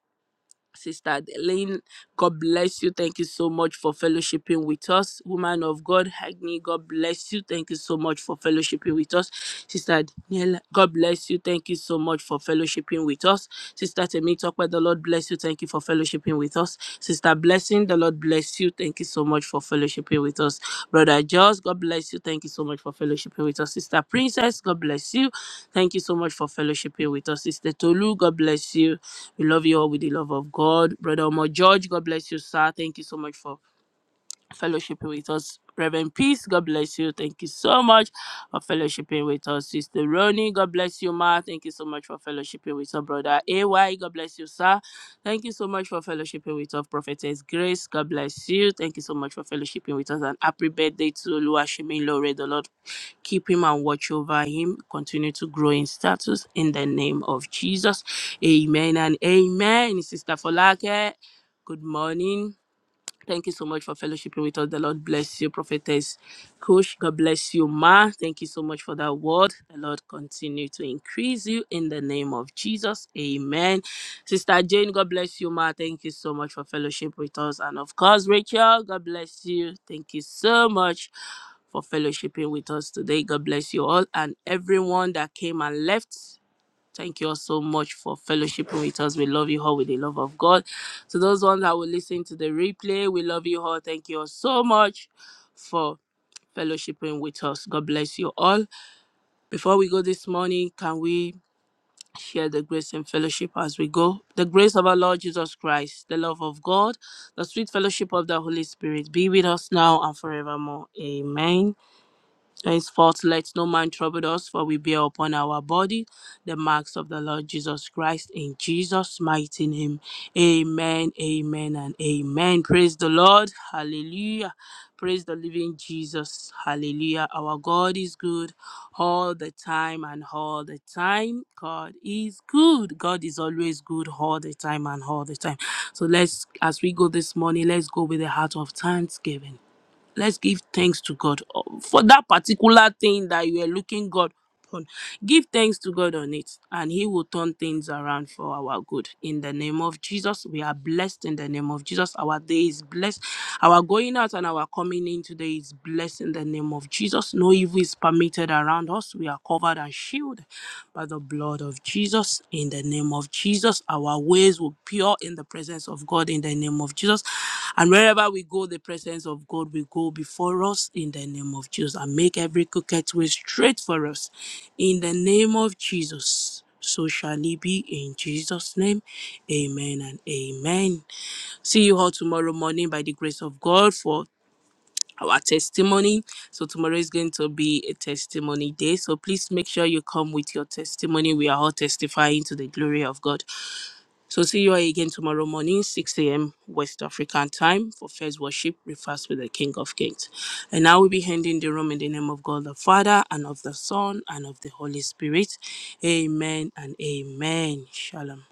A: Sister Adeline, God bless you. Thank you so much for fellowshipping with us. Woman of God, Agni, God bless you. Thank you so much for fellowshipping with us. Sister Daniela, God bless you. Thank you so much for fellowshipping with us. Sister Temi, talk where the Lord bless you. Thank you for fellowshipping with us. Sister Blessing, morning. The Lord bless you. Thank you so much for fellowshipping with us. Brother Jos, God bless you. Thank you so much for fellowshipping with us. Sister Princess, God bless you. Thank you so much for fellowshipping with us. Sister Tolu, God bless you. We love you all with the love of God. Brother Omo George, God bless you, sir. Thank you so much for fellowshipping with us. Reverend Peace, God bless you. Thank you so much for fellowshipping with us. Sister Ronnie, God bless you, Ma. Thank you so much for fellowshipping with our brother AY. God bless you, sir. Thank you so much for fellowshipping with us, Prophetess Grace. God bless you. Thank you so much for fellowshipping with us. And happy birthday to Luashimi Lore. The Lord keep him and watch over him. Continue to grow in status in the name of Jesus. Amen and amen. Sister Folake, good morning. Thank you so much for fellowshipping with us. The Lord bless you, Prophetess Kush. God bless you, Ma. Thank you so much for that word. The Lord continue to increase you in the name of Jesus. Amen. Sister Jane, God bless you, Ma. Thank you so much for fellowship with us. And of course, Rachel, God bless you. Thank you so much for fellowshipping with us today. God bless you all and everyone that came and left. Thank you all so much for fellowshipping with us. We love you all with the love of God. To those ones that will listen to the replay, we love you all. Thank you all so much for fellowshipping with us. God bless you all. Before we go this morning, can we share the grace and fellowship as we go? The grace of our Lord Jesus Christ, the love of God, the sweet fellowship of the Holy Spirit be with us now and forevermore. Amen. By his fault let no man trouble us, for we bear upon our body the marks of the Lord Jesus Christ in Jesus' mighty name. Amen, amen, and amen. Praise the Lord. Hallelujah. Praise the living Jesus. Hallelujah. Our God is good all the time and all the time. God is good. God is always good all the time and all the time. So let's, as we go this morning, let's go with a heart of thanksgiving let's give thanks to God uh, for that particular thing that you are looking God upon. Give thanks to God on it, and He will turn things around for our good. In the name of Jesus, we are blessed. In the name of Jesus, our day is blessed. Our going out and our coming in today is blessed. In the name of Jesus, no evil is permitted around us. We are covered and shielded by the blood of Jesus. In the name of Jesus, our ways will pure in the presence of God. In the name of Jesus, and wherever we go, the presence of God will go before us. In the name of Jesus, and make every crooked way straight for us. In the name of Jesus. So shall it be in Jesus' name. Amen and amen. See you all tomorrow morning by the grace of God for our testimony. So tomorrow is going to be a testimony day. So please make sure you come with your testimony. We are all testifying to the glory of God. So see you all again tomorrow morning, 6 a.m. West African time for first worship, breakfast with the King of Kings. And now we'll be handing the room in the name of God the Father and of the Son and of the Holy Spirit. Amen and amen. Shalom.